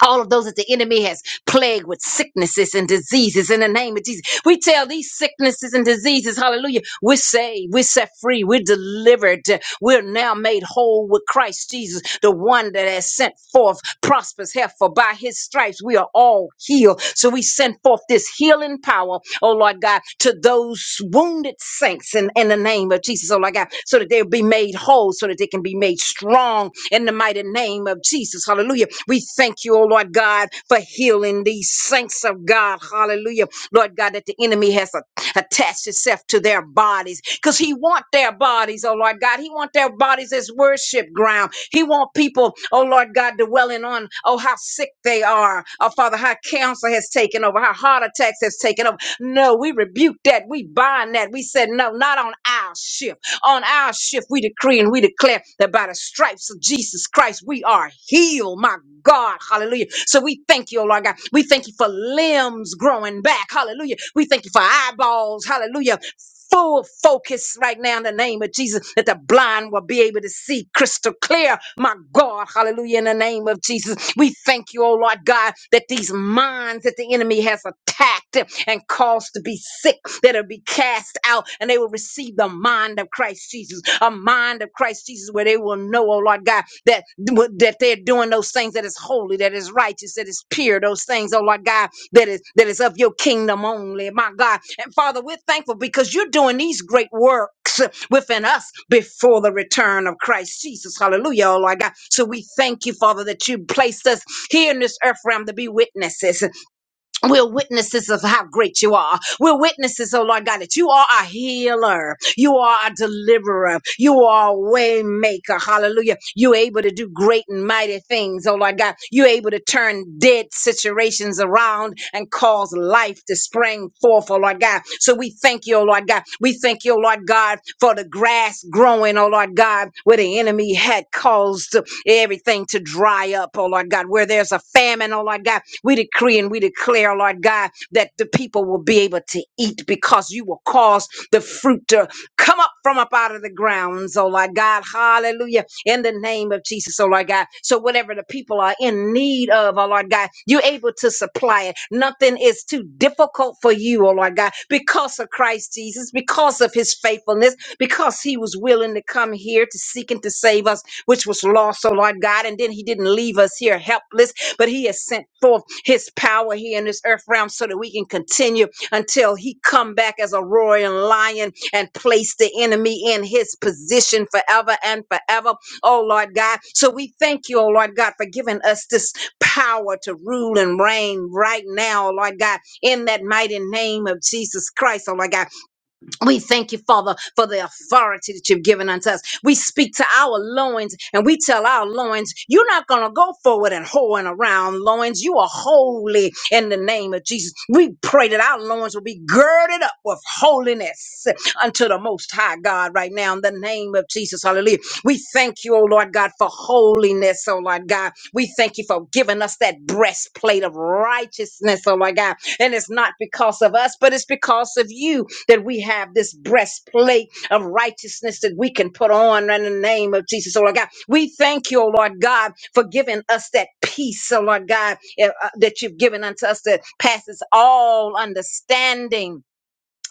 S2: all of those that the enemy has plagued with sicknesses and diseases in the name of Jesus. We tell these sicknesses and diseases, hallelujah, we're saved, we're set free, we're delivered, we're now made whole with Christ Jesus, the one that has sent forth prosperous health. For by his stripes we are all healed. So we send forth this healing power, oh Lord God, to those wounded saints in, in the name of Jesus, oh Lord God, so that they'll be made whole, so that they can be made strong strong in the mighty name of Jesus. Hallelujah. We thank you, oh Lord God, for healing these saints of God. Hallelujah. Lord God, that the enemy has a- attached itself to their bodies because he want their bodies, oh Lord God. He want their bodies as worship ground. He want people, oh Lord God, dwelling on, oh, how sick they are. Oh, Father, how cancer has taken over, how heart attacks has taken over. No, we rebuke that. We bind that. We said, no, not on our shift. On our shift, we decree and we declare that by the stripes of Jesus Christ, we are healed. My God, hallelujah. So we thank you, oh Lord God. We thank you for limbs growing back, hallelujah. We thank you for eyeballs, hallelujah. Full focus right now in the name of Jesus that the blind will be able to see crystal clear. My God, hallelujah, in the name of Jesus. We thank you, oh Lord God, that these minds that the enemy has attacked and caused to be sick sick that'll be cast out and they will receive the mind of Christ Jesus, a mind of Christ Jesus where they will know, oh Lord God, that, that they're doing those things that is holy, that is righteous, that is pure, those things, oh Lord God, that is that is of your kingdom only, my God. And Father, we're thankful because you're doing these great works within us before the return of Christ Jesus. Hallelujah, oh Lord God. So we thank you, Father, that you placed us here in this earth realm to be witnesses. We're witnesses of how great you are. We're witnesses, oh Lord God, that you are a healer. You are a deliverer. You are a way maker. Hallelujah. You're able to do great and mighty things, oh Lord God. You're able to turn dead situations around and cause life to spring forth, oh Lord God. So we thank you, oh Lord God. We thank you, oh Lord God, for the grass growing, oh Lord God, where the enemy had caused everything to dry up, oh Lord God. Where there's a famine, oh Lord God, we decree and we declare, oh Lord God, that the people will be able to eat because you will cause the fruit to come up from up out of the grounds, oh Lord God. Hallelujah. In the name of Jesus, oh Lord God. So whatever the people are in need of, oh Lord God, you're able to supply it. Nothing is too difficult for you, oh Lord God, because of Christ Jesus, because of his faithfulness, because he was willing to come here to seek and to save us which was lost, oh Lord God. And then he didn't leave us here helpless, but he has sent forth his power here in this earth realm so that we can continue until he come back as a roaring lion and place the enemy in his position forever and forever. Oh Lord God. So we thank you, oh Lord God, for giving us this power to rule and reign right now, oh Lord God, in that mighty name of Jesus Christ, oh Lord God. We thank you, Father, for the authority that you've given unto us. We speak to our loins and we tell our loins, you're not going to go forward and hoeing around, loins. You are holy in the name of Jesus. We pray that our loins will be girded up with holiness unto the Most High God right now in the name of Jesus. Hallelujah. We thank you, oh Lord God, for holiness, oh Lord God. We thank you for giving us that breastplate of righteousness, oh Lord God. And it's not because of us, but it's because of you that we have this breastplate of righteousness that we can put on in the name of Jesus, oh Lord God. We thank you, oh Lord God, for giving us that peace, oh Lord God, eh, uh, that you've given unto us that passes all understanding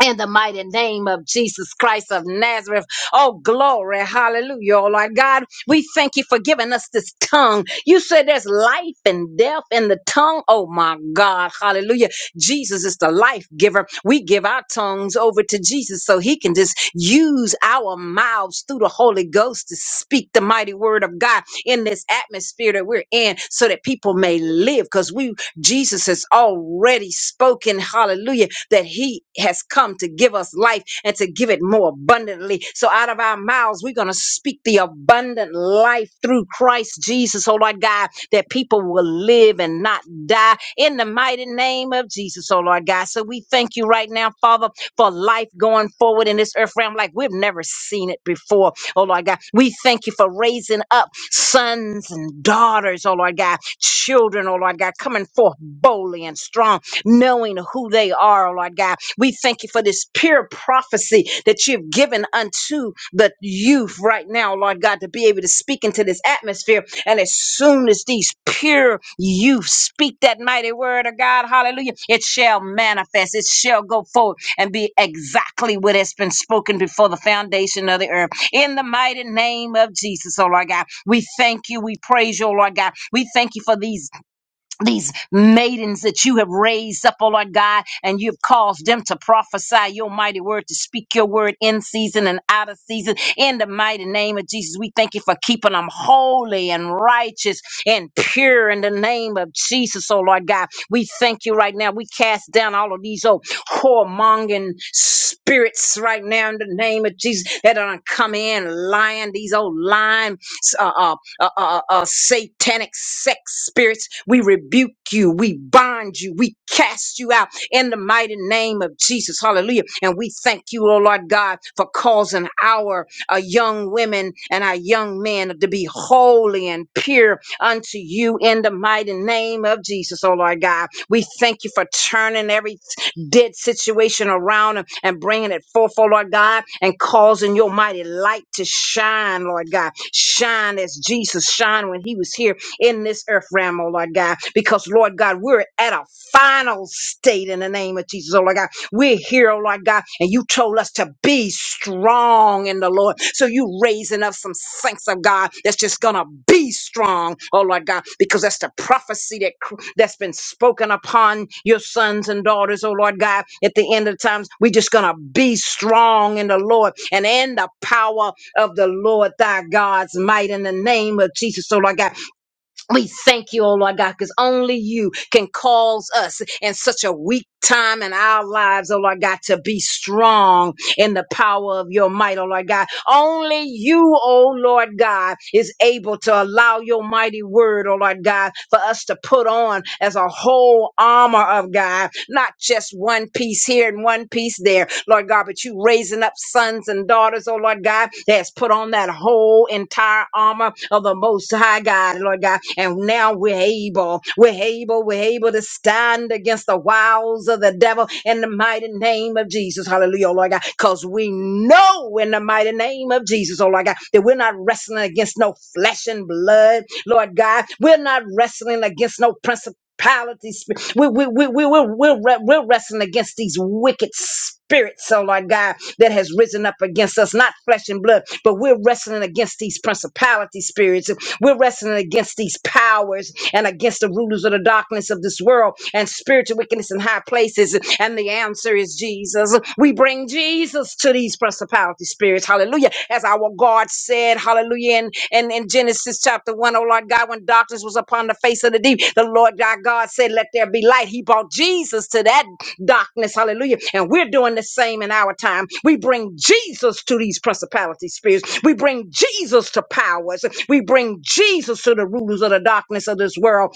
S2: in the mighty name of Jesus Christ of Nazareth. Oh, glory. Hallelujah. Oh, Lord God, we thank you for giving us this tongue. You said there's life and death in the tongue. Oh, my God. Hallelujah. Jesus is the life giver. We give our tongues over to Jesus so he can just use our mouths through the Holy Ghost to speak the mighty word of God in this atmosphere that we're in so that people may live because we, Jesus has already spoken. Hallelujah give, that He has come to give us life and to give it more abundantly. So out of our mouths, we're going to speak the abundant life through Christ Jesus, oh Lord God, that people will live and not die in the mighty name of Jesus, oh Lord God. So we thank you right now, Father, for life going forward in this earth realm like we've never seen it before, oh Lord God. We thank you for raising up sons and daughters, oh Lord God, children, oh Lord God, coming forth boldly and strong knowing who they are, Lord God. We thank you for this pure prophecy that you've given unto the youth right now, Lord God, to be able to speak into this atmosphere. And as soon as these pure youth speak that mighty word of God, hallelujah, it shall manifest, it shall go forward and be exactly what has been spoken before the foundation of the earth. In the mighty name of Jesus, oh Lord God, we thank you, we praise you, oh Lord God. We thank you for these these maidens that you have raised up, oh Lord God, and you've caused them to prophesy your mighty word, to speak your word in season and out of season. In the mighty name of Jesus, we thank you for keeping them holy and righteous and pure in the name of Jesus, oh Lord God. We thank you right now. We cast down all of these old whoremongering spirits right now in the name of Jesus that are come in lying, these old lying uh, uh, uh, uh, uh, satanic sex spirits. We rebuke you. We bind you. We cast you out in the mighty name of Jesus. Hallelujah. And we thank you, oh Lord God, for causing our uh, young women and our young men to be holy and pure unto you in the mighty name of Jesus, oh Lord God. We thank you for turning everything dead situation around them and bringing it forth, oh Lord God, and causing your mighty light to shine, Lord God. Shine as Jesus shined when he was here in this earth realm, oh Lord God. Because, Lord God, we're at a final state in the name of Jesus, oh Lord God. We're here, oh Lord God, and you told us to be strong in the Lord. So you raising up some saints of God that's just gonna be strong, oh Lord God, because that's the prophecy that cr- that's been spoken upon your sons and daughters, oh Lord God. At the end of times, we're just gonna be strong in the Lord and in the power of the Lord thy God's might in the name of Jesus, oh Lord God. We thank you, oh Lord God, because only you can cause us in such a weak time in our lives, oh Lord God, to be strong in the power of your might, oh Lord God. Only you, oh Lord God, is able to allow your mighty word, oh Lord God, for us to put on as a whole armor of God, not just one piece here and one piece there, Lord God, but you raising up sons and daughters, oh Lord God, that's put on on that whole entire armor of the Most High God, Lord God. And now we're able, we're able, we're able to stand against the wiles of the devil in the mighty name of Jesus. Hallelujah, oh Lord God. Because we know in the mighty name of Jesus, oh Lord God, that we're not wrestling against no flesh and blood, Lord God. We're not wrestling against no principalities. We, we, we, we, we're, we're, we're wrestling against these wicked spirits, oh Lord God, that has risen up against us, not flesh and blood, but we're wrestling against these principality spirits. We're wrestling against these powers and against the rulers of the darkness of this world and spiritual wickedness in high places. And the answer is Jesus. We bring Jesus to these principality spirits spirits. Hallelujah. As our God said, hallelujah, in, in, in Genesis chapter one, O Lord God, when darkness was upon the face of the deep, the Lord our God said, Let there be light. He brought Jesus to that darkness. Hallelujah. And we're doing the same in our time. We bring Jesus to these principality spirits. We bring Jesus to powers. We bring Jesus to the rulers of the darkness of this world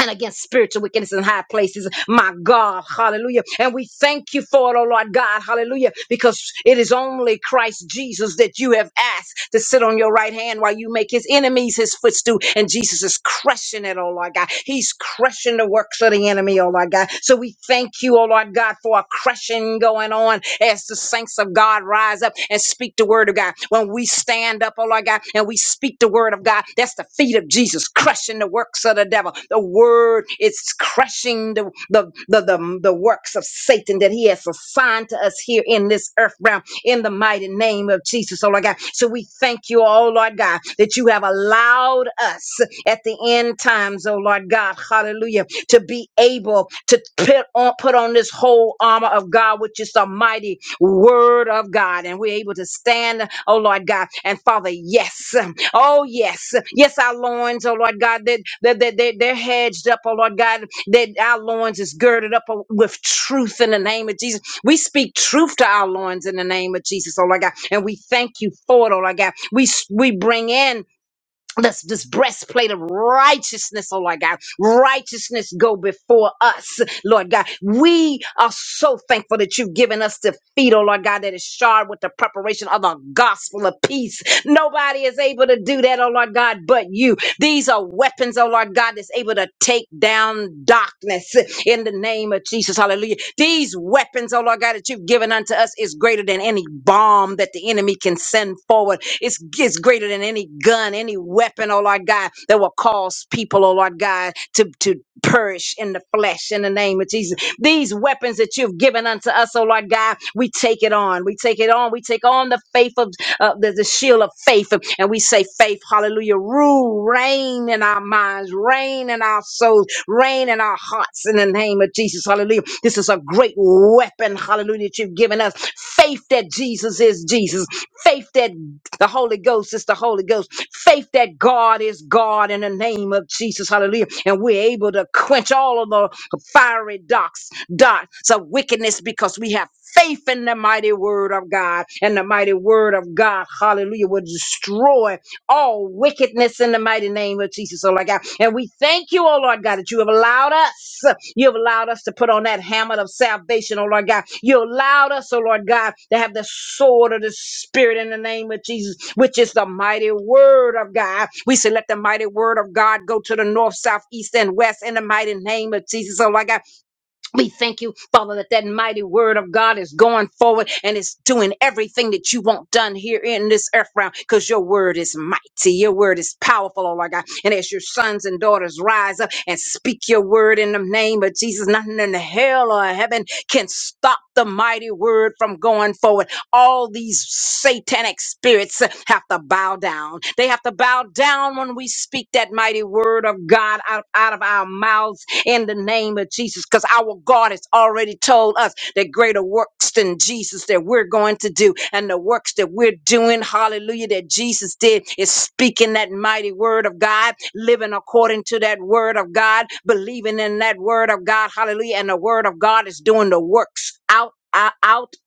S2: and against spiritual wickedness in high places. My God, hallelujah. And we thank you for it, oh Lord God, hallelujah, because it is only Christ Jesus that you have asked to sit on your right hand while you make his enemies his footstool. And Jesus is crushing it, oh Lord God. He's crushing the works of the enemy, oh Lord God. So we thank you, oh Lord God, for a crushing going on as the saints of God rise up and speak the word of God. When we stand up, oh Lord God, and we speak the word of God, that's the feet of Jesus. Jesus, crushing the works of the devil. The word is crushing the, the, the, the, the works of Satan that he has assigned to us here in this earth realm in the mighty name of Jesus, oh Lord God. So we thank you, oh Lord God, that you have allowed us at the end times, oh Lord God, hallelujah, to be able to put on, put on this whole armor of God, which is the mighty word of God. And we're able to stand, oh Lord God. And Father, yes. Oh, yes. Yes, our loins, oh Lord God, that, that, that, that they're hedged up, oh Lord God, that our loins is girded up oh, with truth in the name of Jesus. We speak truth to our loins in the name of Jesus, oh Lord God, and we thank you for it, oh Lord God. We, s- we bring in this this breastplate of righteousness, oh Lord God. Righteousness go before us, Lord God. We are so thankful that you've given us the feet, oh Lord God, that is shod with the preparation of the gospel of peace. Nobody is able to do that, oh Lord God, but you. These are weapons, oh Lord God, that's able to able to take down darkness in the name of Jesus. Hallelujah. These weapons, oh Lord God, that you've given unto us is greater than any bomb that the enemy can send forward. It's, it's greater than any gun, any weapon, oh Lord God, that will cause people, oh Lord God, to, to perish in the flesh in the name of Jesus. These weapons that you've given unto us, oh Lord God, we take it on. We take it on. We take on the faith of uh, there's a shield of faith, and we say, faith, hallelujah, rule, reign in our minds, reign in our souls, reign in our hearts in the name of Jesus, hallelujah. This is a great weapon, hallelujah, that you've given us. Faith that Jesus is Jesus, faith that the Holy Ghost is the Holy Ghost. Faith that God is God in the name of Jesus. Hallelujah. And we're able to quench all of the fiery darts, dots of wickedness because we have faith in the mighty word of God. And the mighty word of God, hallelujah, will destroy all wickedness in the mighty name of Jesus, oh Lord God. And we thank you, oh Lord God, that you have allowed us, you have allowed us to put on that helmet of salvation, oh Lord God. You allowed us, oh Lord God, to have the sword of the Spirit in the name of Jesus, which is the mighty word of God. We say, let the mighty word of God go to the north, south, east, and west in the mighty name of Jesus, oh Lord God. We thank you, Father, that that mighty word of God is going forward and it's doing everything that you want done here in this earth realm because your word is mighty. Your word is powerful, oh my God. And as your sons and daughters rise up and speak your word in the name of Jesus, nothing in hell or heaven can stop the mighty word from going forward all these satanic spirits have to bow down. They have to bow down when we speak that mighty word of God out, out of our mouths in the name of Jesus, because our God has already told us that greater works than Jesus that we're going to do. And the works that we're doing, hallelujah, that Jesus did is speaking that mighty word of God, living according to that word of God, believing in that word of God, hallelujah. And the word of God is doing the works out. Out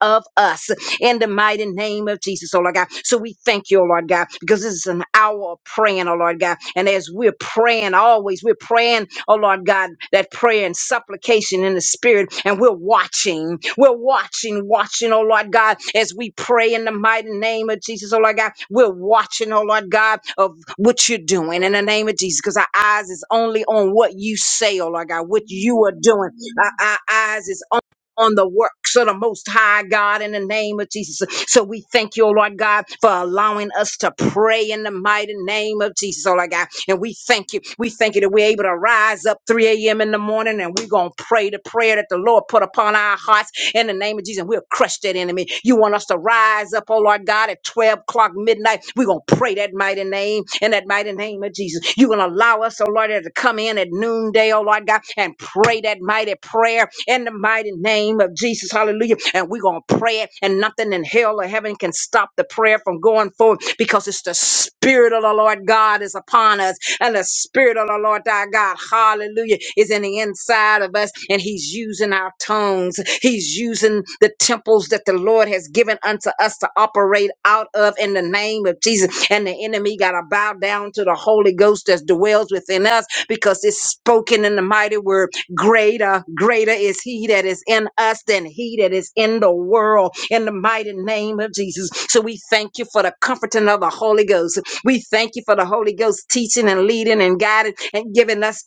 S2: of us in the mighty name of Jesus, oh Lord God. So we thank you, oh Lord God, because this is an hour of praying, oh Lord God. And as we're praying always, we're praying, oh Lord God, that prayer and supplication in the spirit, and we're watching, we're watching, watching, oh Lord God, as we pray in the mighty name of Jesus, oh Lord God. We're watching, oh Lord God, of what you're doing in the name of Jesus, because our eyes is only on what you say, oh Lord God, what you are doing. Our, our eyes is on the works of the Most High God in the name of Jesus. So we thank you, oh Lord God, for allowing us to pray in the mighty name of Jesus, oh Lord God. And we thank you. We thank you that we're able to rise up 3 a.m. in the morning and we're going to pray the prayer that the Lord put upon our hearts in the name of Jesus. And We'll crush that enemy. You want us to rise up, oh Lord God, at 12 o'clock midnight. We're going to pray that mighty name in that mighty name of Jesus. You're going to allow us, oh Lord, to come in at noonday, oh Lord God, and pray that mighty prayer in the mighty name of Jesus. Hallelujah. And we're going to pray it, and nothing in hell or heaven can stop the prayer from going forward because it's the Spirit of the Lord God is upon us and the spirit of the Lord our God, hallelujah, is in the inside of us, and He's using our tongues. He's using the temples that the Lord has given unto us to operate out of in the name of Jesus. And the enemy got to bow down to the Holy Ghost that dwells within us because it's spoken in the mighty word. Greater, greater is He that is in us than He that is in the world, in the mighty name of Jesus. So we thank you for the comforting of the Holy Ghost. We thank you for the Holy Ghost teaching and leading and guiding and giving us.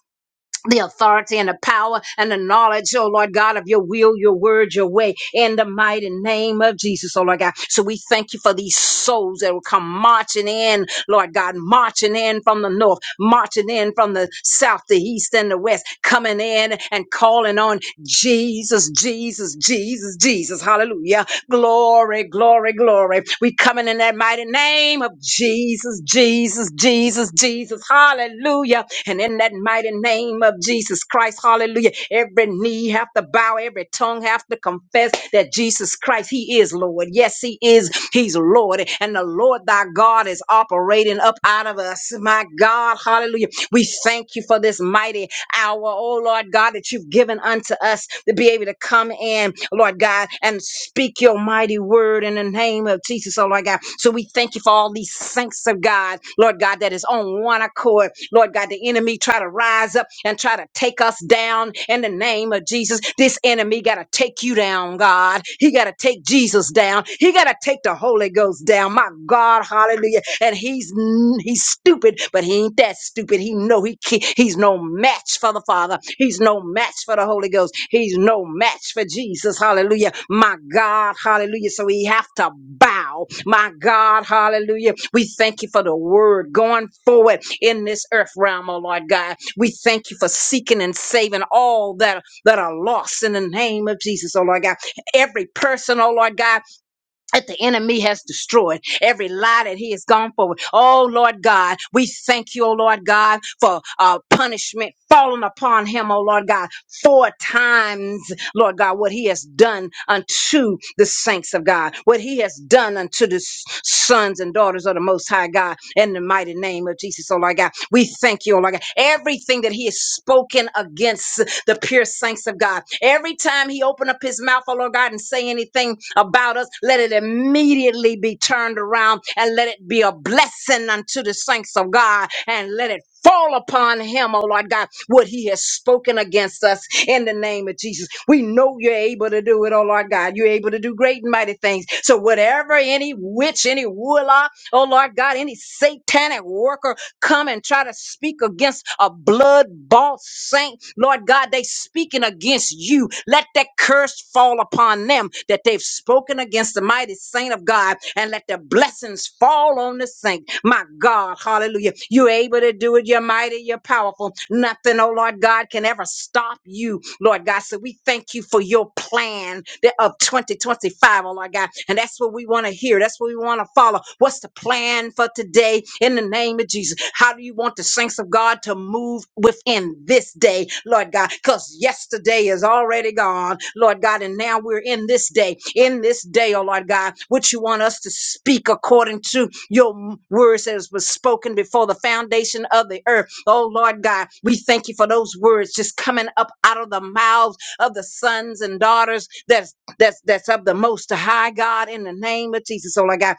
S2: The authority and the power and the knowledge, oh Lord God, of your will, your word, your way, in the mighty name of Jesus, oh Lord God. So we thank you for these souls that will come marching in, Lord God, marching in from the north, marching in from the south, the east, and the west, coming in and calling on Jesus, Jesus, Jesus, Jesus. Hallelujah. Glory, glory, glory. We we coming in that mighty name of Jesus, Jesus, Jesus, Jesus. Hallelujah. And in that mighty name of Jesus Christ, hallelujah. Every knee have to bow, every tongue have to confess that Jesus Christ, He is Lord. Yes, He is. He's Lord. And the Lord thy God is operating up out of us. My God, hallelujah. We thank you for this mighty hour. Oh Lord Lord God, that you've given unto us to be able to come in, Lord God, and speak your mighty word in the name of Jesus, oh Lord God. So we thank you for all these saints of God, Lord God, that is on one accord. Lord God, the enemy try to rise up and try to take us down in the name of Jesus. This enemy got to take you down, God. He got to take Jesus down. He got to take the Holy Ghost down. My God, hallelujah. And he's he's stupid, but he ain't that stupid. He know he can he's no match for the Father. He's no match for the Holy Ghost. He's no match for Jesus, hallelujah. My God, hallelujah. So we have to bow. My God, hallelujah. We thank you for the word going forward in this earth realm, oh Lord God. We thank you for seeking and saving all that that are lost in the name of Jesus, oh Lord God every person, oh Lord God that the enemy has destroyed, every lie that he has gone forward. Oh Lord God, we thank you, oh Lord God, for uh, punishment falling upon him, oh Lord God, four times, Lord God, what he has done unto the saints of God, what he has done unto the s- sons and daughters of the Most High God, in the mighty name of Jesus, oh Lord God. We thank you, oh Lord God. Everything that he has spoken against the pure saints of God. Every time he open up his mouth, oh Lord God, and say anything about us, let it immediately be turned around and let it be a blessing unto the saints of God and let it fall upon him, oh Lord God, what he has spoken against us in the name of Jesus. We know you're able to do it, oh Lord God. You're able to do great and mighty things. So whatever any witch, any warlock, oh Lord God, any satanic worker come and try to speak against a blood bought saint. Lord God, they speaking against you. Let that curse fall upon them that they've spoken against the mighty saint of God and let the blessings fall on the saint. My God, hallelujah. You're able to do it. You're mighty. You're powerful. Nothing, oh Lord God, can ever stop you, Lord God. So we thank you for your plan that- of 2025, oh Lord God. And that's what we what we want to hear. That's what we want to follow. What's the plan for today in the name of Jesus? How do you want the saints of God to move within this day, Lord God? Because yesterday is already gone, Lord God, and now we're in this day. In this day, oh Lord God, what you want us to speak according to your m- words as was spoken before the foundation of the earth. Oh Lord God, we thank you for those words just coming up out of the mouths of the sons and daughters that that's that's of the most high God in the name of Jesus. So Lord God,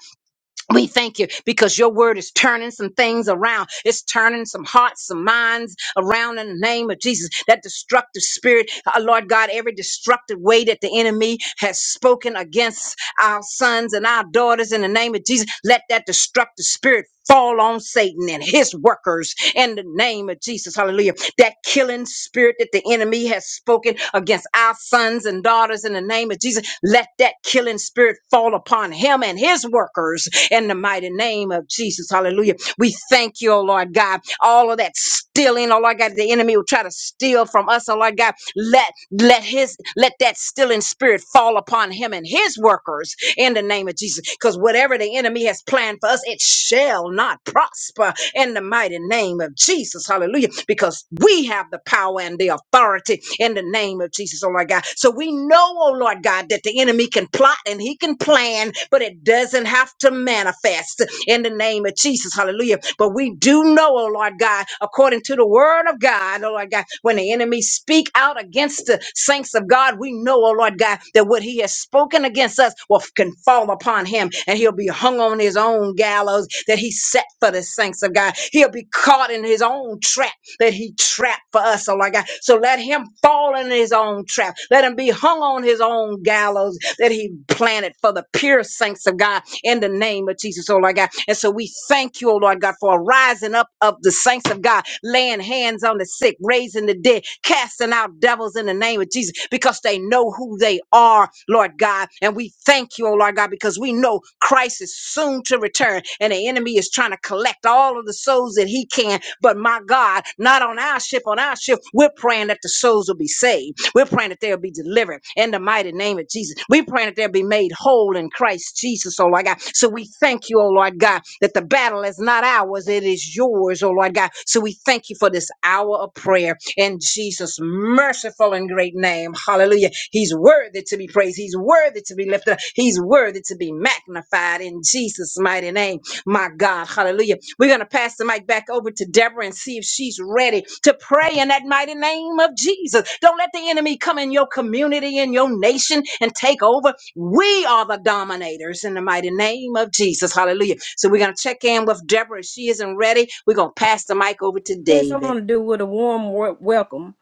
S2: we thank you because your word is turning some things around. It's turning some hearts, some minds around in the name of Jesus. That destructive spirit, uh, Lord God, every destructive way that the enemy has spoken against our sons and our daughters in the name of Jesus, let that destructive spirit fall on Satan and his workers in the name of Jesus. Hallelujah. That killing spirit that the enemy has spoken against our sons and daughters in the name of Jesus, let that killing spirit fall upon him and his workers in the mighty name of Jesus. Hallelujah. We thank you, oh Lord God. All of that stealing, oh Lord God, the enemy will try to steal from us, oh Lord God. Let let his let that stealing spirit fall upon him and his workers in the name of Jesus. Because whatever the enemy has planned for us, it shall shall not prosper in the mighty name of Jesus. Hallelujah. Because we have the power and the authority in the name of Jesus, oh Lord God. So we know, oh Lord God, that the enemy can plot and he can plan, but it doesn't have to manifest in the name of Jesus. Hallelujah. But we do know, oh Lord God, according to the word of God, oh Lord God, when the enemy speak out against the saints of God, we know, oh Lord God, that what he has spoken against us will f- can fall upon him and he'll be hung on his own gallows that he set for the saints of God. He'll be caught in his own trap that he trapped for us, oh my God. So let him fall in his own trap. Let him be hung on his own gallows that he planted for the pure saints of God in the name of Jesus, oh Lord God. And so we thank you, oh Lord God, for a rising up of the saints of God, laying hands on the sick, raising the dead, casting out devils in the name of Jesus, because they know who they are, Lord God. And we thank you, oh Lord God, because we know Christ is soon to return. And and the enemy is trying to collect all of the souls that he can. But my God, not on our ship, on our ship, we're praying that the souls will be saved. We're praying that they'll be delivered in the mighty name of Jesus. We're praying that they'll be made whole in Christ Jesus, oh Lord God. So we thank you, oh Lord God, that the battle is not ours, it is yours, oh Lord God. So we thank you for this hour of prayer in Jesus' merciful and great name. Hallelujah. He's worthy to be praised. He's worthy to be lifted up. He's worthy to be magnified in Jesus' mighty name. My God, hallelujah. We're going to pass the mic back over to Deborah and see if she's ready to pray in that mighty name of Jesus. Don't let the enemy come in your community, in your nation, and take over. We are the dominators in the mighty name of Jesus. Hallelujah. So we're going to check in with Deborah. If she isn't ready, we're going to pass the mic over to
S4: Yes, I
S2: David.
S4: want to do with a warm wor- welcome.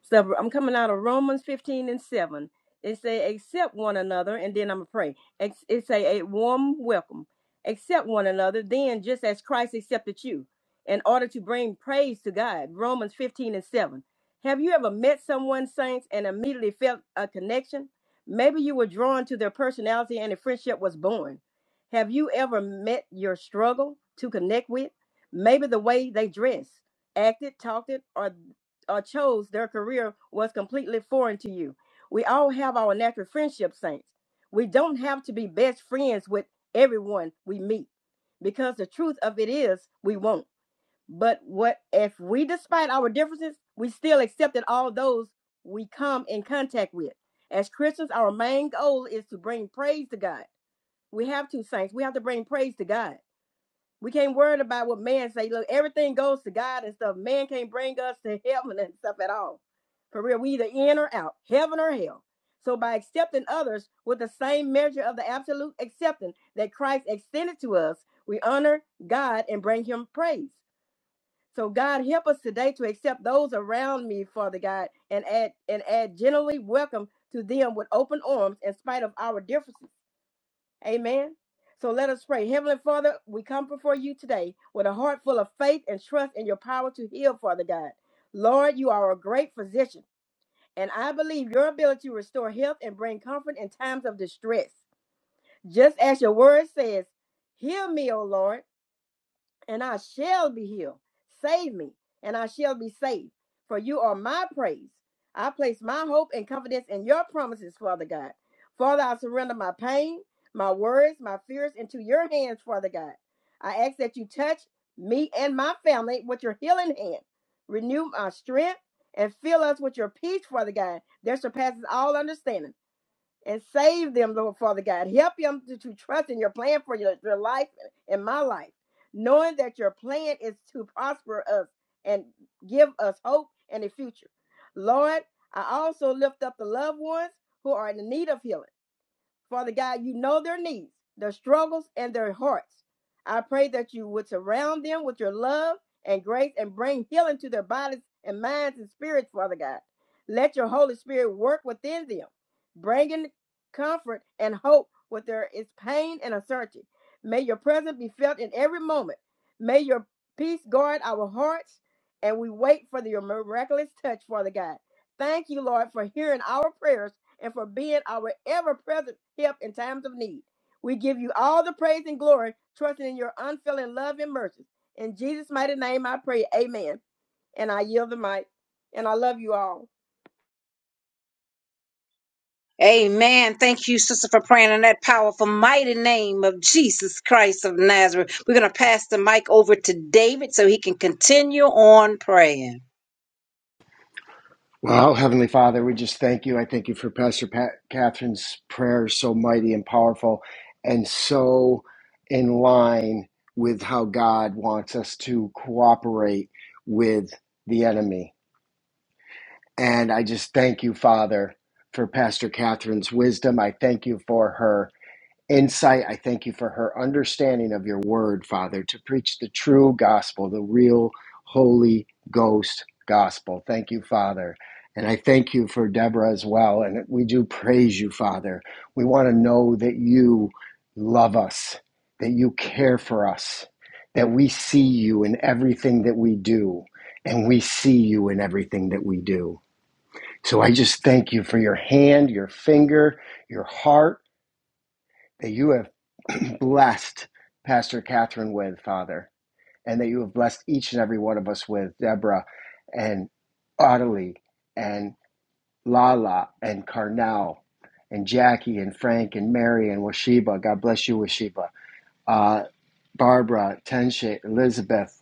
S4: So I'm coming out of Romans 15 and 7. It say, accept one another, and then I'm going to pray. Ex- It say, a warm welcome. Accept one another, then just as Christ accepted you, in order to bring praise to God. Romans 15 and 7. Have you ever met someone, saints, and immediately felt a connection? Maybe you were drawn to their personality and a friendship was born. Have you ever met your struggle to connect with? Maybe the way they dress acted, talked it, or or chose their career was completely foreign to you. We all have our natural friendship saints. We don't have to be best friends with everyone we meet because the truth of it is we won't. But what if we despite our differences, we still accepted all those we come in contact with. As Christians, our main goal is to bring praise to God. We have to saints. We have to bring praise to God. We can't worry about what man say. Look, everything goes to God and stuff. Man can't bring us to heaven and stuff at all. For real, we either in or out, heaven or hell. So by accepting others with the same measure of the absolute acceptance that Christ extended to us, we honor God and bring him praise. So God help us today to accept those around me, Father God, and add and add generally welcome to them with open arms in spite of our differences. Amen. So let us pray. Heavenly Father, we come before you today with a heart full of faith and trust in your power to heal, Father God. Lord, you are a great physician, and I believe your ability to restore health and bring comfort in times of distress. Just as your word says, Heal me, O Lord and I shall be healed. Save me, and I shall be saved. For you are my praise. I place my hope and confidence in your promises, Father God. Father, I surrender my pain, my worries, my fears into your hands, Father God. I ask that you touch me and my family with your healing hand. Renew my strength and fill us with your peace, Father God, that surpasses all understanding and save them, Lord Father God. Help them to, to trust in your plan for your, your life and my life, knowing that your plan is to prosper us and give us hope and a future. Lord, I also lift up the loved ones who are in need of healing. Father God, you know their needs, their struggles, and their hearts. I pray that you would surround them with your love and grace and bring healing to their bodies and minds and spirits, Father God. Let your Holy Spirit work within them, bringing comfort and hope where there is pain and uncertainty. May your presence be felt in every moment. May your peace guard our hearts, and we wait for your miraculous touch, Father God. Thank you, Lord, for hearing our prayers and for being our ever present help in times of need. We give you all the praise and glory, trusting in your unfailing love and mercy. In Jesus' mighty name, I pray. Amen. And I yield the mic. And I love you all.
S2: Amen. Thank you, sister, for praying in that powerful, mighty name of Jesus Christ of Nazareth. We're going to pass the mic over to David so he can continue on praying.
S5: Well, Heavenly Father, we just thank you. I thank you for Pastor Pat, Catherine's prayer, so mighty and powerful, and so in line with how God wants us to cooperate with the enemy. And I just thank you, Father, for Pastor Catherine's wisdom. I thank you for her insight. I thank you for her understanding of your word, Father, to preach the true gospel, the real Holy Ghost gospel. Thank you, Father. And I thank you for Deborah as well. And we do praise you, Father. We want to know that you love us, that you care for us, that we see you in everything that we do, and we see you in everything that we do. So I just thank you for your hand, your finger, your heart that you have blessed Pastor Catherine with, Father, and that you have blessed each and every one of us with Deborah and Ottilie and Lala and Carnell and Jackie and Frank and Mary and Washiba. God bless you, Washiba. Uh, Barbara, Tenshe, Elizabeth,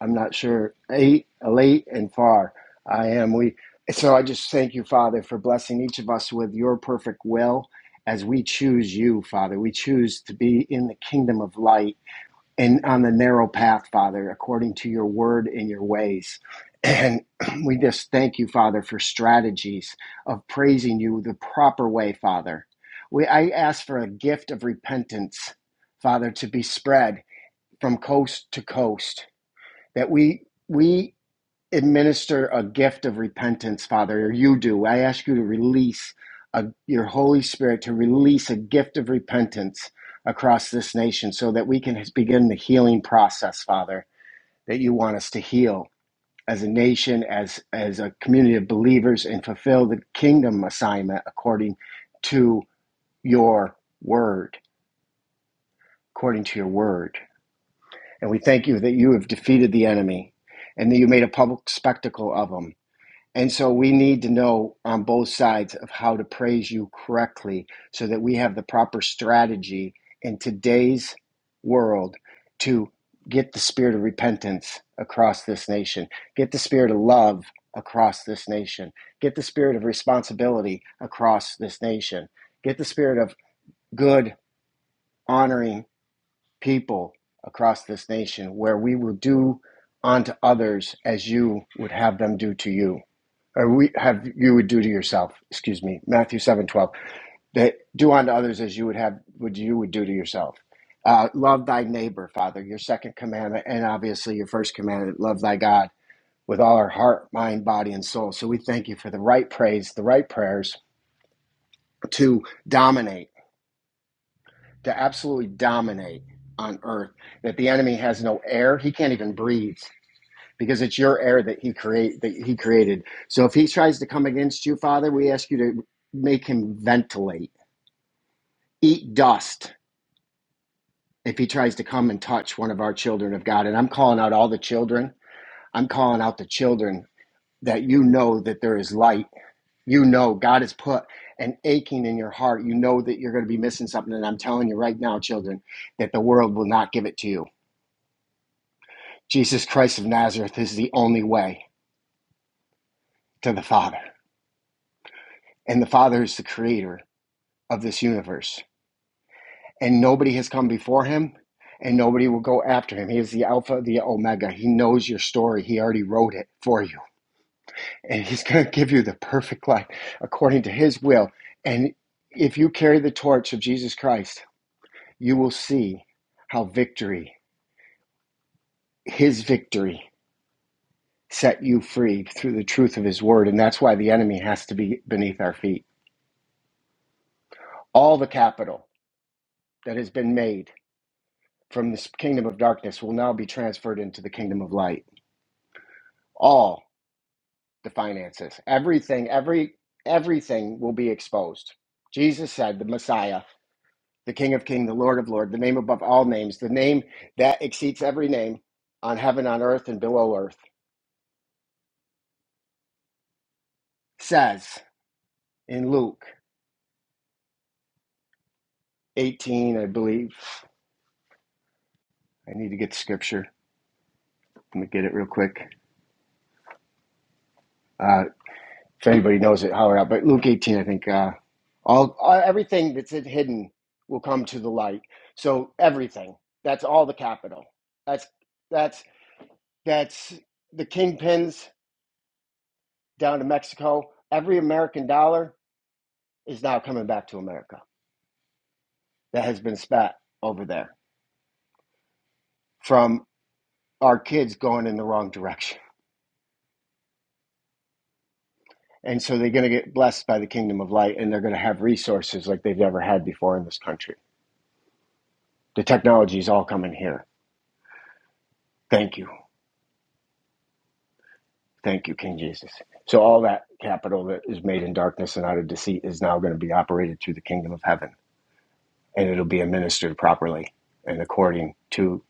S5: I'm not sure, eight, uh, late and far. I am. We so I just thank you, Father, for blessing each of us with your perfect will as we choose you, Father. We choose to be in the kingdom of light and on the narrow path, Father, according to your word and your ways. And we just thank you, Father, for strategies of praising you the proper way, Father. We I ask for a gift of repentance, Father, to be spread from coast to coast that we we administer a gift of repentance father or you do i ask you to release a, your holy spirit to release a gift of repentance across this nation so that we can begin the healing process father that you want us to heal as a nation as as a community of believers and fulfill the kingdom assignment according to your word according to your word and we thank you that you have defeated the enemy and that you made a public spectacle of him And so we need to know on both sides of how to praise you correctly so that we have the proper strategy in today's world to get the spirit of repentance across this nation, get the spirit of love across this nation, get the spirit of responsibility across this nation, get the spirit of good, honoring people across this nation where we will do unto others as you would have them do to you or we have you would do to yourself excuse me matthew seven twelve. that do unto others as you would have would you would do to yourself uh, love thy neighbor father your second commandment and obviously your first commandment love thy god with all our heart mind body and soul so we thank you for the right praise the right prayers to dominate to absolutely dominate on earth that the enemy has no air he can't even breathe because it's your air that he create that he created. So if he tries to come against you, Father, we ask you to make him ventilate, eat dust if he tries to come and touch one of our children of God. And I'm calling out all the children. I'm calling out the children that you know that there is light. You know God has put an aching in your heart. You know that you're going to be missing something. And I'm telling you right now, children, that the world will not give it to you. Jesus Christ of Nazareth is the only way to the Father. And the Father is the creator of this universe. And nobody has come before him, and nobody will go after him. He is the Alpha, the Omega. He knows your story. He already wrote it for you. And he's going to give you the perfect life according to his will. And if you carry the torch of Jesus Christ, you will see how victory, his victory, set you free through the truth of his word. And that's why the enemy has to be beneath our feet. All the capital that has been made from this kingdom of darkness will now be transferred into the kingdom of light all the finances everything every everything will be exposed jesus said the messiah the king of King, the lord of Lord, the name above all names the name that exceeds every name on heaven on earth and below earth says in luke 18 i believe i need to get the scripture let me get it real quick Uh, if anybody knows it, holler out. But Luke 18, I think uh, all uh, everything that's hidden will come to the light. So everything. That's all the capital. That's that's that's the kingpins down to Mexico. Every American dollar is now coming back to America that has been spat over there from our kids going in the wrong direction. And so they're going to get blessed by the kingdom of light and they're going to have resources like they've never had before in this country. The technology is all coming here. Thank you. Thank you, King Jesus. So all that capital that is made in darkness and out of deceit is now going to be operated through the kingdom of heaven, and it'll be administered properly and according to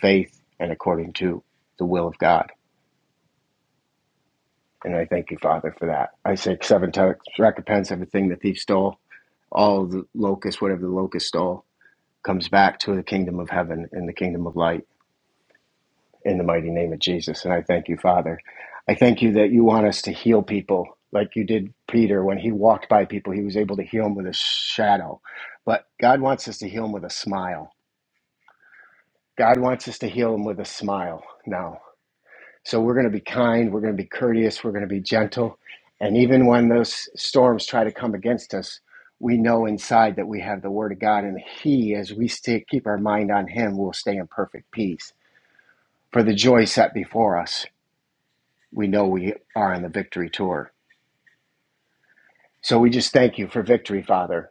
S5: faith and according to the will of God. And I thank you, Father, for that. I say seven times recompense everything the thief stole, all the locust, whatever the locust stole, comes back to the kingdom of heaven and the kingdom of light in the mighty name of Jesus. And I thank you, Father. I thank you that you want us to heal people like you did Peter. When he walked by people, he was able to heal them with a shadow. But God wants us to heal them with a smile. God wants us to heal them with a smile now. So we're going to be kind, we're going to be courteous, we're going to be gentle. And even when those storms try to come against us, we know inside that we have the Word of God, and He, as we stay, keep our mind on Him, will stay in perfect peace for the joy set before us. we know we are on the victory tour. So we just thank you for victory, Father,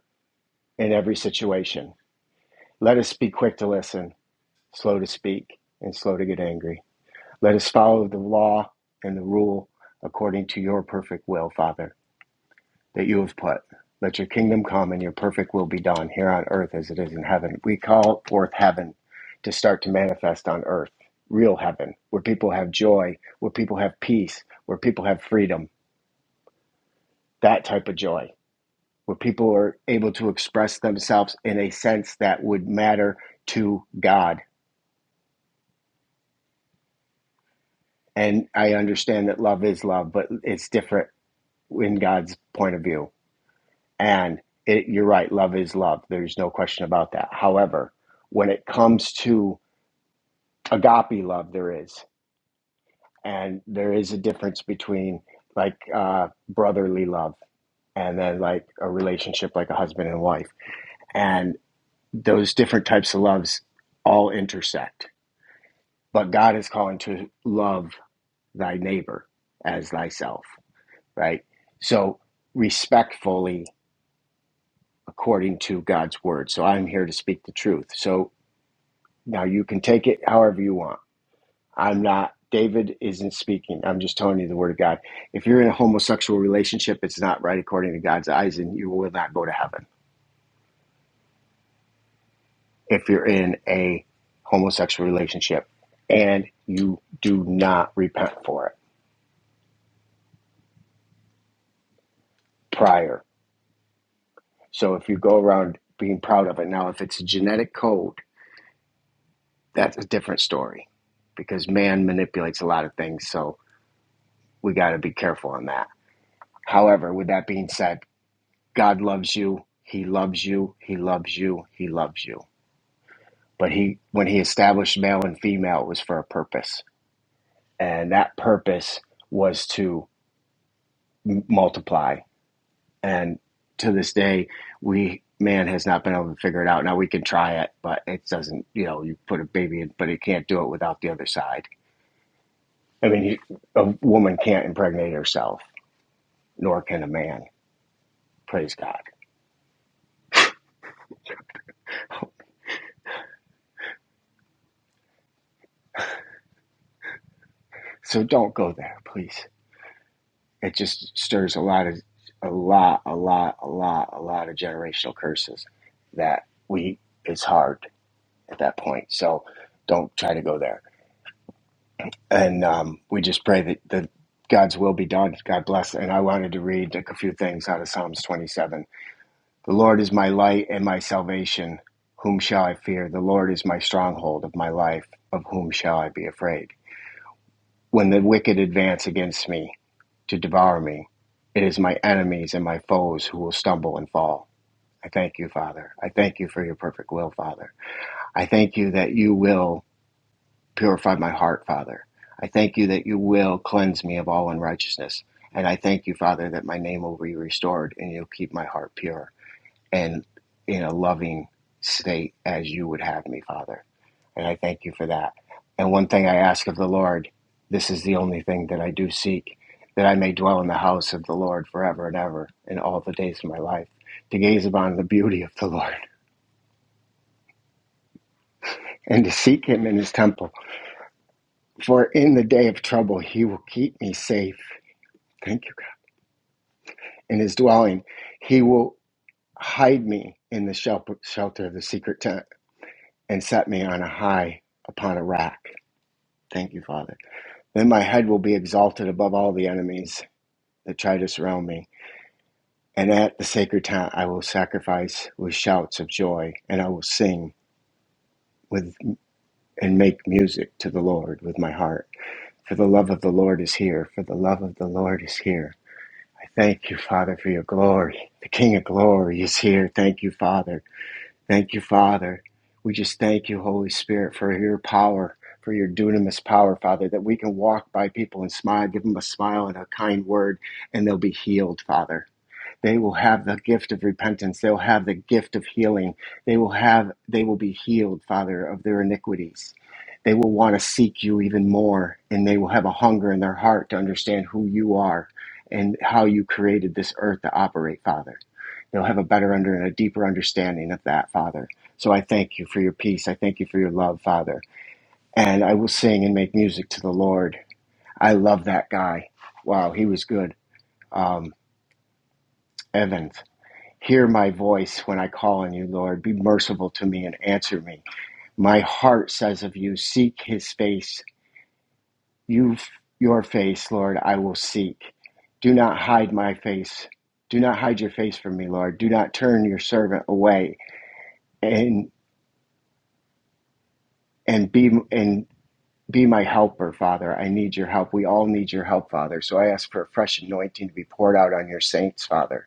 S5: in every situation. Let us be quick to listen, slow to speak, and slow to get angry. Let us follow the law and the rule according to your perfect will, Father, that you have put. Let your kingdom come and your perfect will be done here on earth as it is in heaven. We call forth heaven to start to manifest on earth, real heaven, where people have joy, where people have peace, where people have freedom, that type of joy where people are able to express themselves in a sense that would matter to God. And I understand that love is love, but it's different in God's point of view. And it, you're right, love is love. There's no question about that. However, when it comes to agape love, there is. And there is a difference between like uh, brotherly love and then like a relationship like a husband and wife. And those different types of loves all intersect but God is calling to love thy neighbor as thyself, right? So respectfully according to God's word. So I'm here to speak the truth. So now you can take it however you want. I'm not David isn't speaking. I'm just telling you the word of God. If you're in a homosexual relationship, it's not right according to God's eyes and you will not go to heaven. If you're in a homosexual relationship and you do not repent for it prior So if you go around being proud of it, now if it's a genetic code, that's a different story because man manipulates a lot of things. So we got to be careful on that. However, with that being said, God loves you. He loves you. He loves you. He loves you. But he, when he established male and female, it was for a purpose. And that purpose was to m- multiply and to this day we man has not been able to figure it out now we can try it but it doesn't you know you put a baby in but it can't do it without the other side i mean you- a woman can't impregnate herself nor can a man praise god so don't go there please it just stirs a lot of a lot a lot a lot a lot of generational curses that we it's hard at that point so don't try to go there and um, we just pray that, that God's will be done. God bless. And I wanted to read a few things out of Psalms 27. The Lord is my light and my salvation. Whom shall I fear? The Lord is my stronghold of my life. Of whom shall I be afraid? When the wicked advance against me to devour me, it is my enemies and my foes who will stumble and fall. I thank you, Father. I thank you for your perfect will, Father. I thank you that you will Purify my heart, Father. I thank you that you will cleanse me of all unrighteousness. And I thank you, Father, that my name will be restored and you'll keep my heart pure and in a loving state as you would have me, Father. And I thank you for that. And one thing I ask of the Lord, this is the only thing that I do seek, that I may dwell in the house of the Lord forever and ever in all the days of my life, to gaze upon the beauty of the Lord and to seek him in his temple. For in the day of trouble, he will keep me safe. Thank you, God. In his dwelling, he will hide me in the shelp- shelter of the secret tent and set me on a high upon a rack. Thank you, Father. Then my head will be exalted above all the enemies that try to surround me. And at the sacred tent, I will sacrifice with shouts of joy, and I will sing with and make music to the Lord with my heart. For the love of the Lord is here. For the love of the Lord is here. I thank you, Father, for your glory. The King of glory is here. Thank you, Father. Thank you, Father. We just thank you, Holy Spirit, for your power, for your dunamis power, Father, that we can walk by people and smile, give them a smile and a kind word, and they'll be healed, Father. They will have the gift of repentance. They'll have the gift of healing. They will have they will be healed, Father, of their iniquities. They will want to seek you even more, and they will have a hunger in their heart to understand who you are and how you created this earth to operate, Father. They'll have a better under and a deeper understanding of that, Father. So I thank you for your peace. I thank you for your love, Father. And I will sing and make music to the Lord. I love that guy. Wow, he was good. Um, Evans. Hear my voice when I call on you, Lord. Be merciful to me and answer me. My heart says of you, seek his face. You, your face, Lord, I will seek. Do not hide my face. Do not hide your face from me, Lord. Do not turn your servant away. in and be and be my helper, Father. I need your help. We all need your help, Father. So I ask for a fresh anointing to be poured out on your saints, Father.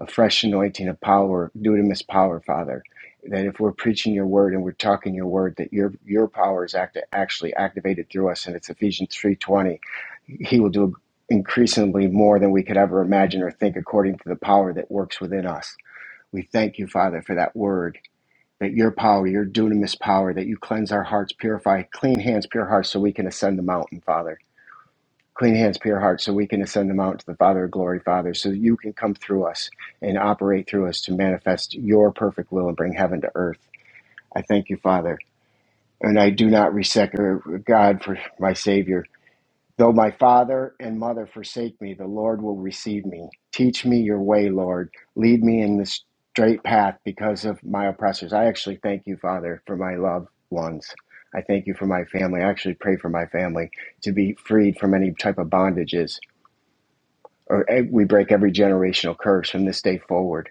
S5: A fresh anointing of power, dunamis power, Father. That if we're preaching your word and we're talking your word, that your your power is act, actually activated through us, and it's Ephesians three twenty. He will do increasingly more than we could ever imagine or think, according to the power that works within us. We thank you, Father, for that word that your power, your dunamis power, that you cleanse our hearts, purify, clean hands, pure hearts, so we can ascend the mountain, Father. Clean hands, pure hearts, so we can ascend the mountain to the Father of glory, Father, so that you can come through us and operate through us to manifest your perfect will and bring heaven to earth. I thank you, Father. And I do not resent uh, God for my Savior Though my father and mother forsake me, the Lord will receive me. Teach me your way, Lord. Lead me in the straight path because of my oppressors. I actually thank you, Father, for my loved ones. I thank you for my family. I actually pray for my family to be freed from any type of bondages. Or eh, we break every generational curse from this day forward.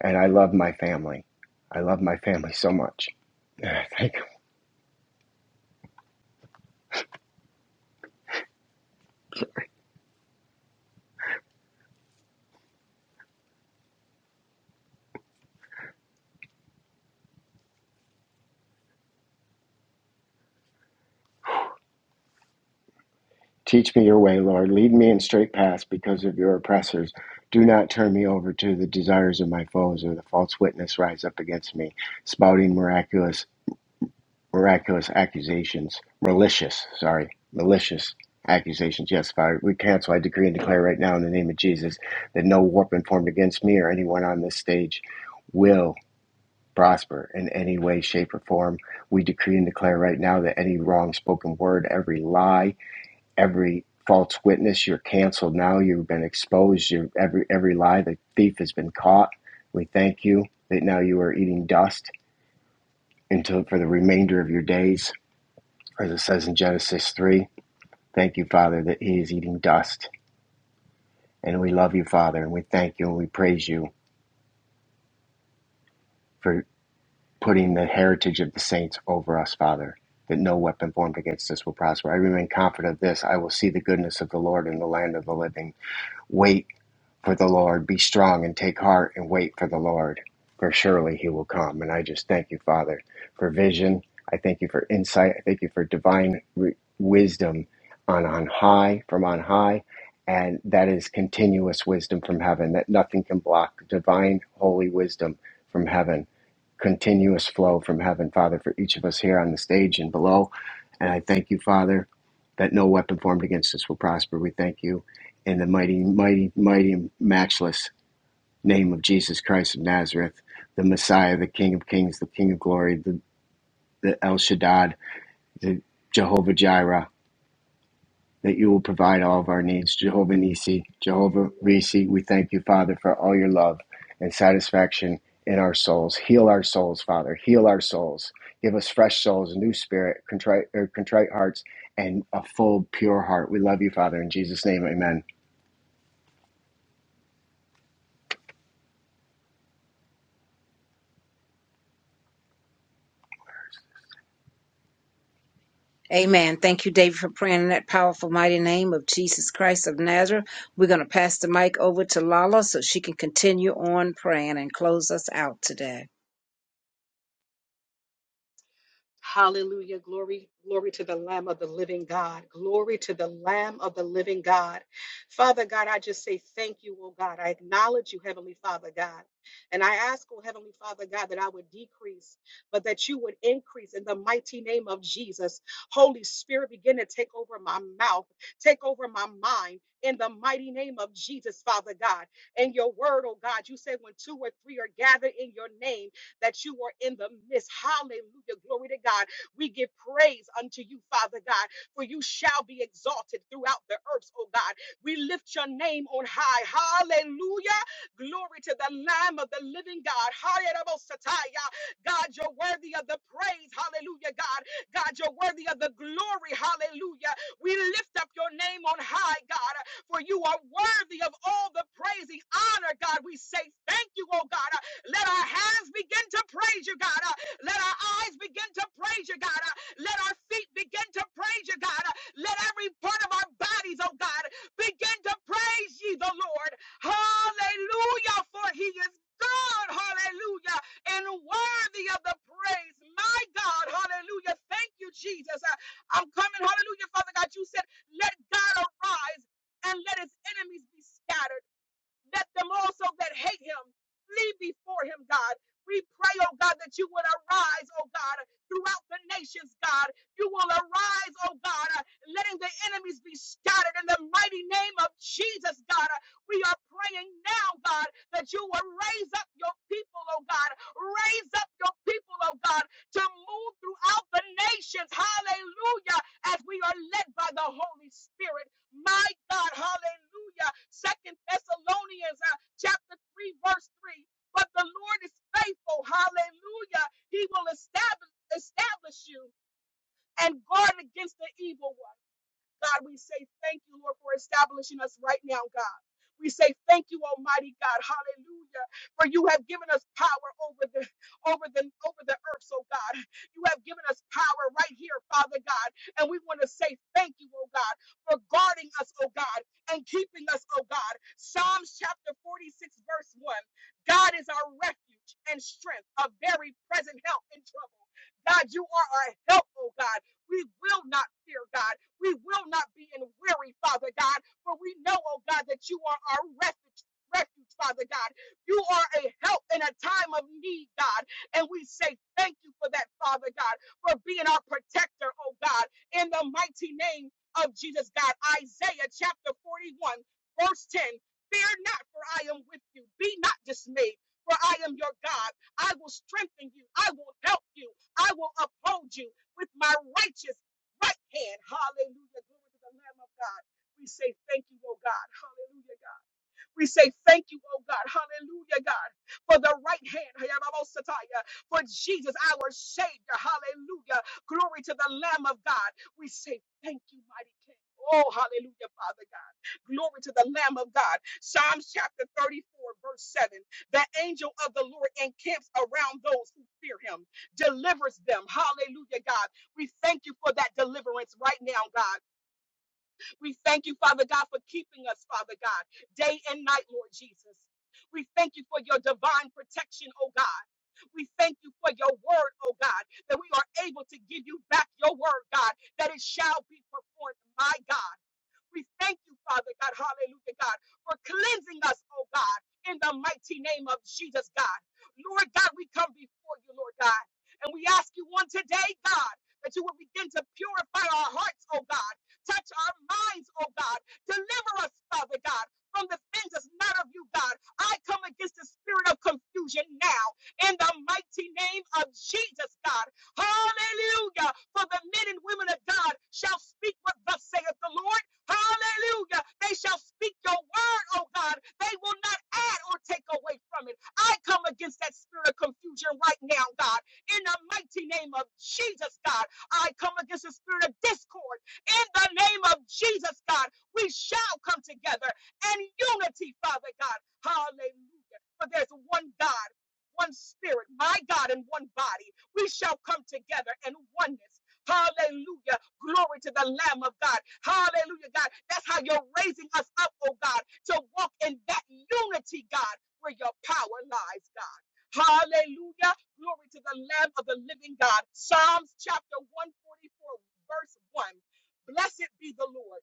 S5: And I love my family. I love my family so much. Thank. Teach me your way, Lord. Lead me in straight paths because of your oppressors. Do not turn me over to the desires of my foes or the false witness rise up against me, spouting miraculous miraculous accusations. Malicious, sorry, malicious accusations. Yes, Father, we cancel. I decree and declare right now in the name of Jesus that no weapon formed against me or anyone on this stage will prosper in any way, shape, or form. We decree and declare right now that any wrong spoken word, every lie, every false witness you're canceled now you've been exposed you every every lie the thief has been caught we thank you that now you are eating dust until for the remainder of your days as it says in genesis 3 thank you father that he is eating dust and we love you father and we thank you and we praise you for putting the heritage of the saints over us father that no weapon formed against us will prosper i remain confident of this i will see the goodness of the lord in the land of the living Wait for the Lord. Be strong and take heart and wait for the Lord, for surely he will come. And I just thank you, Father, for vision. I thank you for insight. I thank you for divine re- wisdom on, on high, from on high. And that is continuous wisdom from heaven, that nothing can block divine, holy wisdom from heaven, continuous flow from heaven, Father, for each of us here on the stage and below. And I thank you, Father, that no weapon formed against us will prosper. We thank you in the mighty, mighty, mighty, matchless name of Jesus Christ of Nazareth, the Messiah, the King of Kings, the King of Glory, the, the El Shaddad, the Jehovah Jireh, that you will provide all of our needs. Jehovah Nisi, Jehovah Risi, we thank you, Father, for all your love and satisfaction in our souls. Heal our souls, Father. Heal our souls. Give us fresh souls, a new spirit, contrite, or contrite hearts, and a full, pure heart. We love you, Father. In Jesus' name, amen.
S2: Amen. Thank you, David, for praying in that powerful, mighty name of Jesus Christ of Nazareth. We're going to pass the mic over to Lala so she can continue on praying and close us out today.
S6: Hallelujah. Glory, glory to the Lamb of the living God. Glory to the Lamb of the living God. Father God, I just say thank you, oh God. I acknowledge you, Heavenly Father God. And I ask, oh Heavenly Father God, that I would decrease, but that you would increase in the mighty name of Jesus. Holy Spirit, begin to take over my mouth, take over my mind. In the mighty name of Jesus, Father God, and your word, oh God, you said when two or three are gathered in your name, that you were in the midst. Hallelujah. Glory to God. We give praise unto you, Father God, for you shall be exalted throughout the earth, oh God. We lift your name on high. Hallelujah. Glory to the Lamb of the living God. Hallelujah. God, you're worthy of the praise. Hallelujah, God. God, you're worthy of the glory. Hallelujah. We lift up your name on high, God, for you are worthy of all the praise, the honor, God. We say thank you, oh God. Let our hands begin to praise you, God. Uh, Let our eyes begin to praise you, God. Uh, Let our feet begin to praise you, God. Uh, Let every part of our bodies, oh God, begin to praise ye the Lord. Hallelujah, for he is God. Hallelujah. And worthy of the praise. My God. Hallelujah. Thank you, Jesus. Uh, I'm coming. Hallelujah, Father God. You said, let God arise and let his enemies be scattered. Let them also that hate him flee before him, God. We pray, oh God, that you would arise, oh God, throughout the nations, God. You will arise, oh God, uh, letting the enemies be scattered in the mighty name of Jesus, God. Uh, We are praying now, God, that you will raise up your people, oh God. Raise up your people, oh God, to move throughout the nations. Hallelujah. As we are led by the Holy Spirit. My God, hallelujah. Second Thessalonians uh, chapter 3, verse 3. But the Lord is faithful, hallelujah. He will establish establish you and guard against the evil one. God, we say thank you, Lord, for establishing us right now, God. We say thank you, Almighty God, hallelujah, for you have given us power over the over the over the earth, so God. You have given us power right here, Father God. And we want to say thank you, oh God, for guarding us, oh God, and keeping us, oh God. Psalms chapter 46, verse 1. God is our refuge and strength, a very present help in trouble. God, you are our help, oh God. We will not fear, God. We will not be in weary, Father God, for we know, oh God, that you are our refuge. Refuge, Father God. You are a help in a time of need, God. And we say thank you for that, Father God, for being our protector, oh God, in the mighty name of Jesus, God. Isaiah chapter 41, verse 10. Fear not, for I am with you. Be not dismayed, for I am your God. I will strengthen you. I will help you. I will uphold you with my righteous right hand. Hallelujah. Glory to the Lamb of God. We say thank you, oh God. Hallelujah, God. We say thank you, oh God. Hallelujah, God, for the right hand. Hayababosataya, For Jesus, our Savior. Hallelujah. Glory to the Lamb of God. We say thank you, mighty King. Oh, hallelujah, Father God. Glory to the Lamb of God. Psalms chapter 34, verse 7. The angel of the Lord encamps around those who fear him, delivers them. Hallelujah, God. We thank you for that deliverance right now, God. We thank you, Father God, for keeping us, Father God, day and night, Lord Jesus. We thank you for your divine protection, oh God. We thank you for your word, oh God, that we are able to give you back your word, God, that it shall be performed, my God. We thank you, Father God, hallelujah, God, for cleansing us, oh God, in the mighty name of Jesus, God. Lord God, we come before you, Lord God, and we ask you on today, God, that you will begin to purify our hearts, oh God, touch our minds, oh God, deliver us, Father God. From the things that's not of you, God. I come against the spirit of confusion now in the mighty name of Jesus, God. Hallelujah. For the men and women of God shall speak what thus saith the Lord Hallelujah. They shall speak your word, oh God. They will not add or take away from it. I come against that spirit of confusion right now, God. In the mighty name of Jesus, God. I come against the spirit of discord. In the name of Jesus, God. We shall come together in unity, Father God. Hallelujah. For there's one God. One spirit, my God, and one body. We shall come together in oneness Hallelujah. Glory to the Lamb of God. Hallelujah, God. That's how you're raising us up, oh God, to walk in that unity, God, where your power lies, God. Hallelujah. Glory to the Lamb of the living God. Psalms chapter 144, verse 1. Blessed be the Lord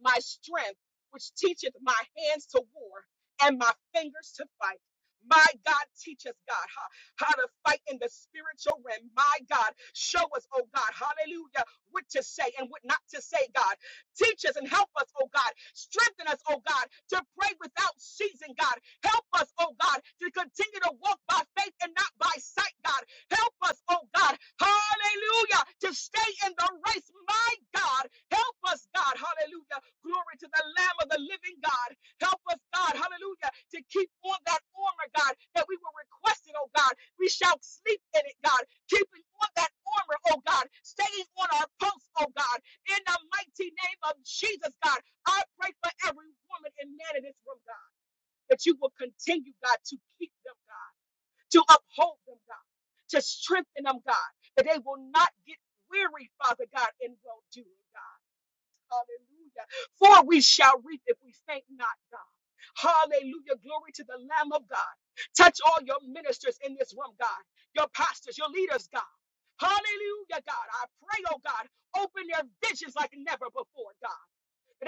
S6: my strength, which teacheth my hands to war and my fingers to fight. My God, teach us, God, how, how to fight in the spiritual realm. My God, show us, oh God, hallelujah, what to say and what not to say, God. Teach us and help us, oh God. Strengthen us, oh God, to pray without ceasing, God. Help us, oh God, to continue to walk by faith and not by sight, God. Help us, oh God, hallelujah, to stay in the race. My God, help us, God, hallelujah. Glory to the Lamb of the living God. Help us, God, hallelujah, to keep on that armor, God, that we were requested, oh God. We shall sleep in it, God, keeping on that armor, oh God, staying on our post, oh God, in the mighty name of Jesus, God. I pray for every woman and man in this room, God, that you will continue, God, to keep them, God to uphold them, God, to strengthen them, God, that they will not get weary, Father God, in well doing, God. Hallelujah. For we shall reap if we faint not, God. Hallelujah. Glory to the Lamb of God. Touch all your ministers in this room, God, your pastors, your leaders, God. Hallelujah, God. I pray, oh God, open their visions like never before, God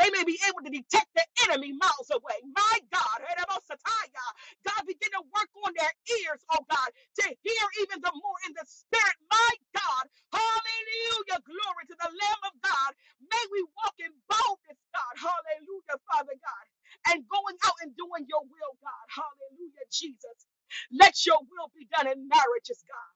S6: they may be able to detect the enemy miles away. My God, Eremosataya. God, begin to work on their ears, oh God, to hear even the more in the spirit. My God, hallelujah, glory to the Lamb of God. May we walk in boldness, God, hallelujah, Father God, and going out and doing your will, God, hallelujah, Jesus. Let your will be done in marriages, God.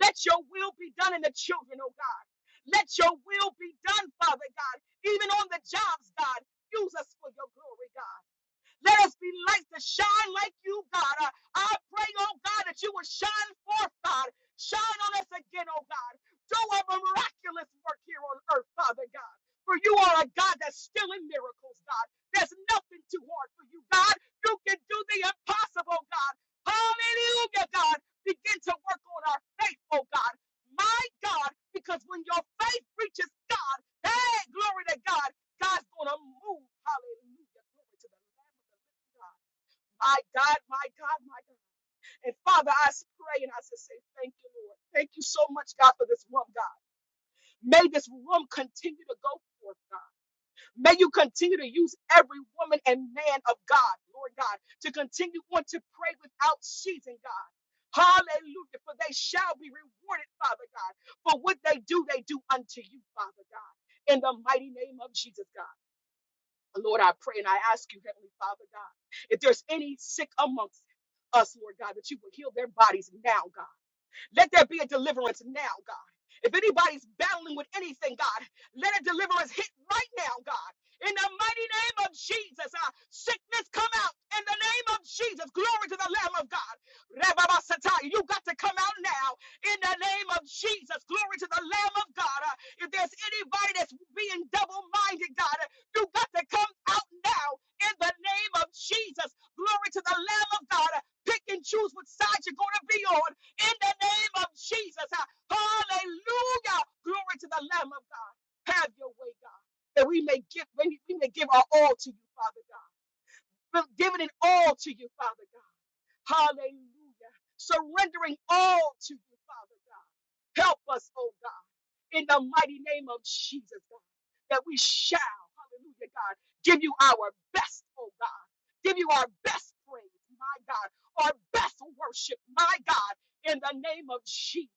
S6: Let your will be done in the children, oh God. Let your will be done, Father God, even on the jobs, God. Use us for your glory, God. Let us be lights that shine like you, God. Uh, I pray, oh God, that you will shine forth, God. Shine on us again, oh God. Do a miraculous work here on earth, Father God. For you are a God that's still in miracles, God. There's nothing too hard for you, God. You can do the impossible, God. Hallelujah, God. Begin to work on our faith, oh God. My God, because when your faith reaches God, hey, glory to God, God's going to move. Hallelujah. Glory to the Lamb. My God, my God, my God. And Father, I pray and I just say thank you, Lord. Thank you so much, God, for this room, God. May this room continue to go forth, God. May you continue to use every woman and man of God, Lord God, to continue on to pray without ceasing, God. Hallelujah. For they shall be rewarded, Father God. For what they do, they do unto you, Father God. In the mighty name of Jesus, God. Lord, I pray and I ask you, Heavenly Father God, if there's any sick amongst us, Lord God, that you would heal their bodies now, God. Let there be a deliverance now, God. If anybody's battling with anything, God, let a deliverance hit right now, God. In the mighty name of Jesus, uh, sickness come out. In the name of Jesus, glory to the Lamb of God. Rababasataya, You got to come out now. In the name of Jesus, glory to the Lamb of God. Uh, if there's anybody that's being double-minded, God, uh, you got to come out now. In the name of Jesus, glory to the Lamb of God. Uh, pick and choose what side you're going to be on in the name of Jesus. Ah, Hallelujah. Glory to the Lamb of God. Have your way, God. That we may give, we we may give our all to you, Father God. We're giving it all to you, Father God. Hallelujah. Surrendering all to you, Father God. Help us, oh God, in the mighty name of Jesus, God, that we shall, hallelujah, God, give you our best, oh God. Give you our best praise, my God, our best worship, my God, in the name of Jesus.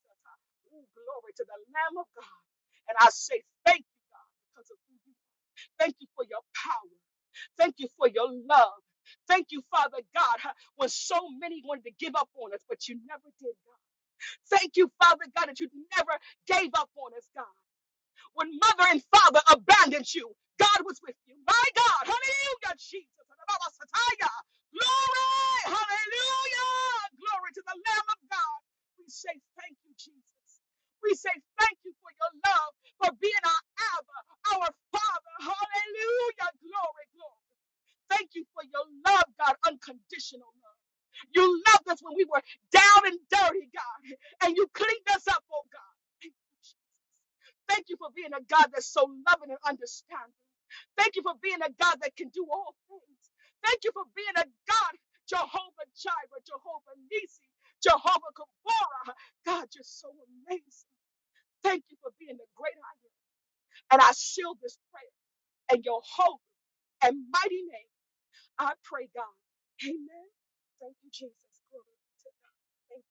S6: Ooh, glory to the Lamb of God. And I say thank you, God, because of you. Thank you for your power. Thank you for your love. Thank you, Father God, huh, when so many wanted to give up on us, but you never did, God. Thank you, Father God, that you never gave up on us, God. When mother and father abandoned you, God was with you. My God, hallelujah, Jesus. Glory, hallelujah, glory to the Lamb of God. We say thank you, Jesus. We say thank you for your love, for being our Abba, our Father. Hallelujah, glory, glory thank you for your love, God, unconditional love. You loved us when we were down and dirty, God, and you cleaned us up, oh God. Thank you for being a God that's so loving and understanding. Thank you for being a God that can do all things. Thank you for being a God, Jehovah Jireh, Jehovah Nisi, Jehovah Gabora. God, you're so amazing. Thank you for being the great I am. And I seal this prayer in your holy and mighty name. I pray, God. Amen. Thank you, Jesus. Glory to- you.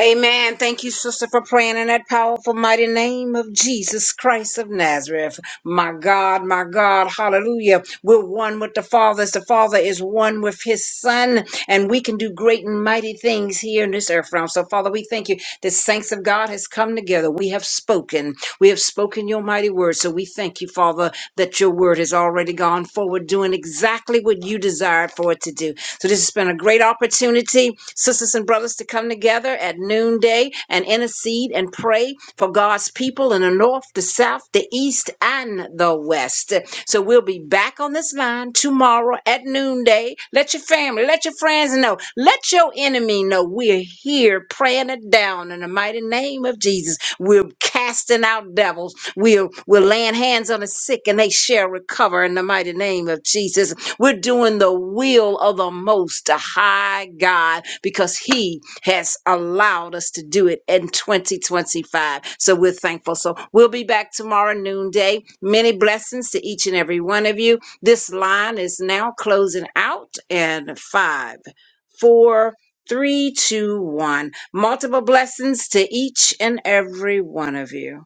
S2: Amen. Thank you, sister, for praying in that powerful, mighty name of Jesus Christ of Nazareth. My God, my God, hallelujah. We're one with the Father as the Father is one with his Son, and we can do great and mighty things here in this earth realm. So, Father, we thank you. The saints of God has come together. We have spoken. We have spoken your mighty word. So we thank you, Father, that your word has already gone forward, doing exactly what you desired for it to do. So this has been a great opportunity, sisters and brothers, to come together at noonday and intercede and pray for God's people in the north, the south, the east, and the west. So we'll be back on this line tomorrow at noonday. Let your family, let your friends know, let your enemy know we're here praying it down in the mighty name of Jesus. We're casting out devils. We're, we're laying hands on the sick and they shall recover in the mighty name of Jesus. We're doing the will of the most high God because he has allowed us to do it in 2025. So we're thankful. So we'll be back tomorrow noonday. Many blessings to each and every one of you. This line is now closing out in five, four, three, two, one. Multiple blessings to each and every one of you.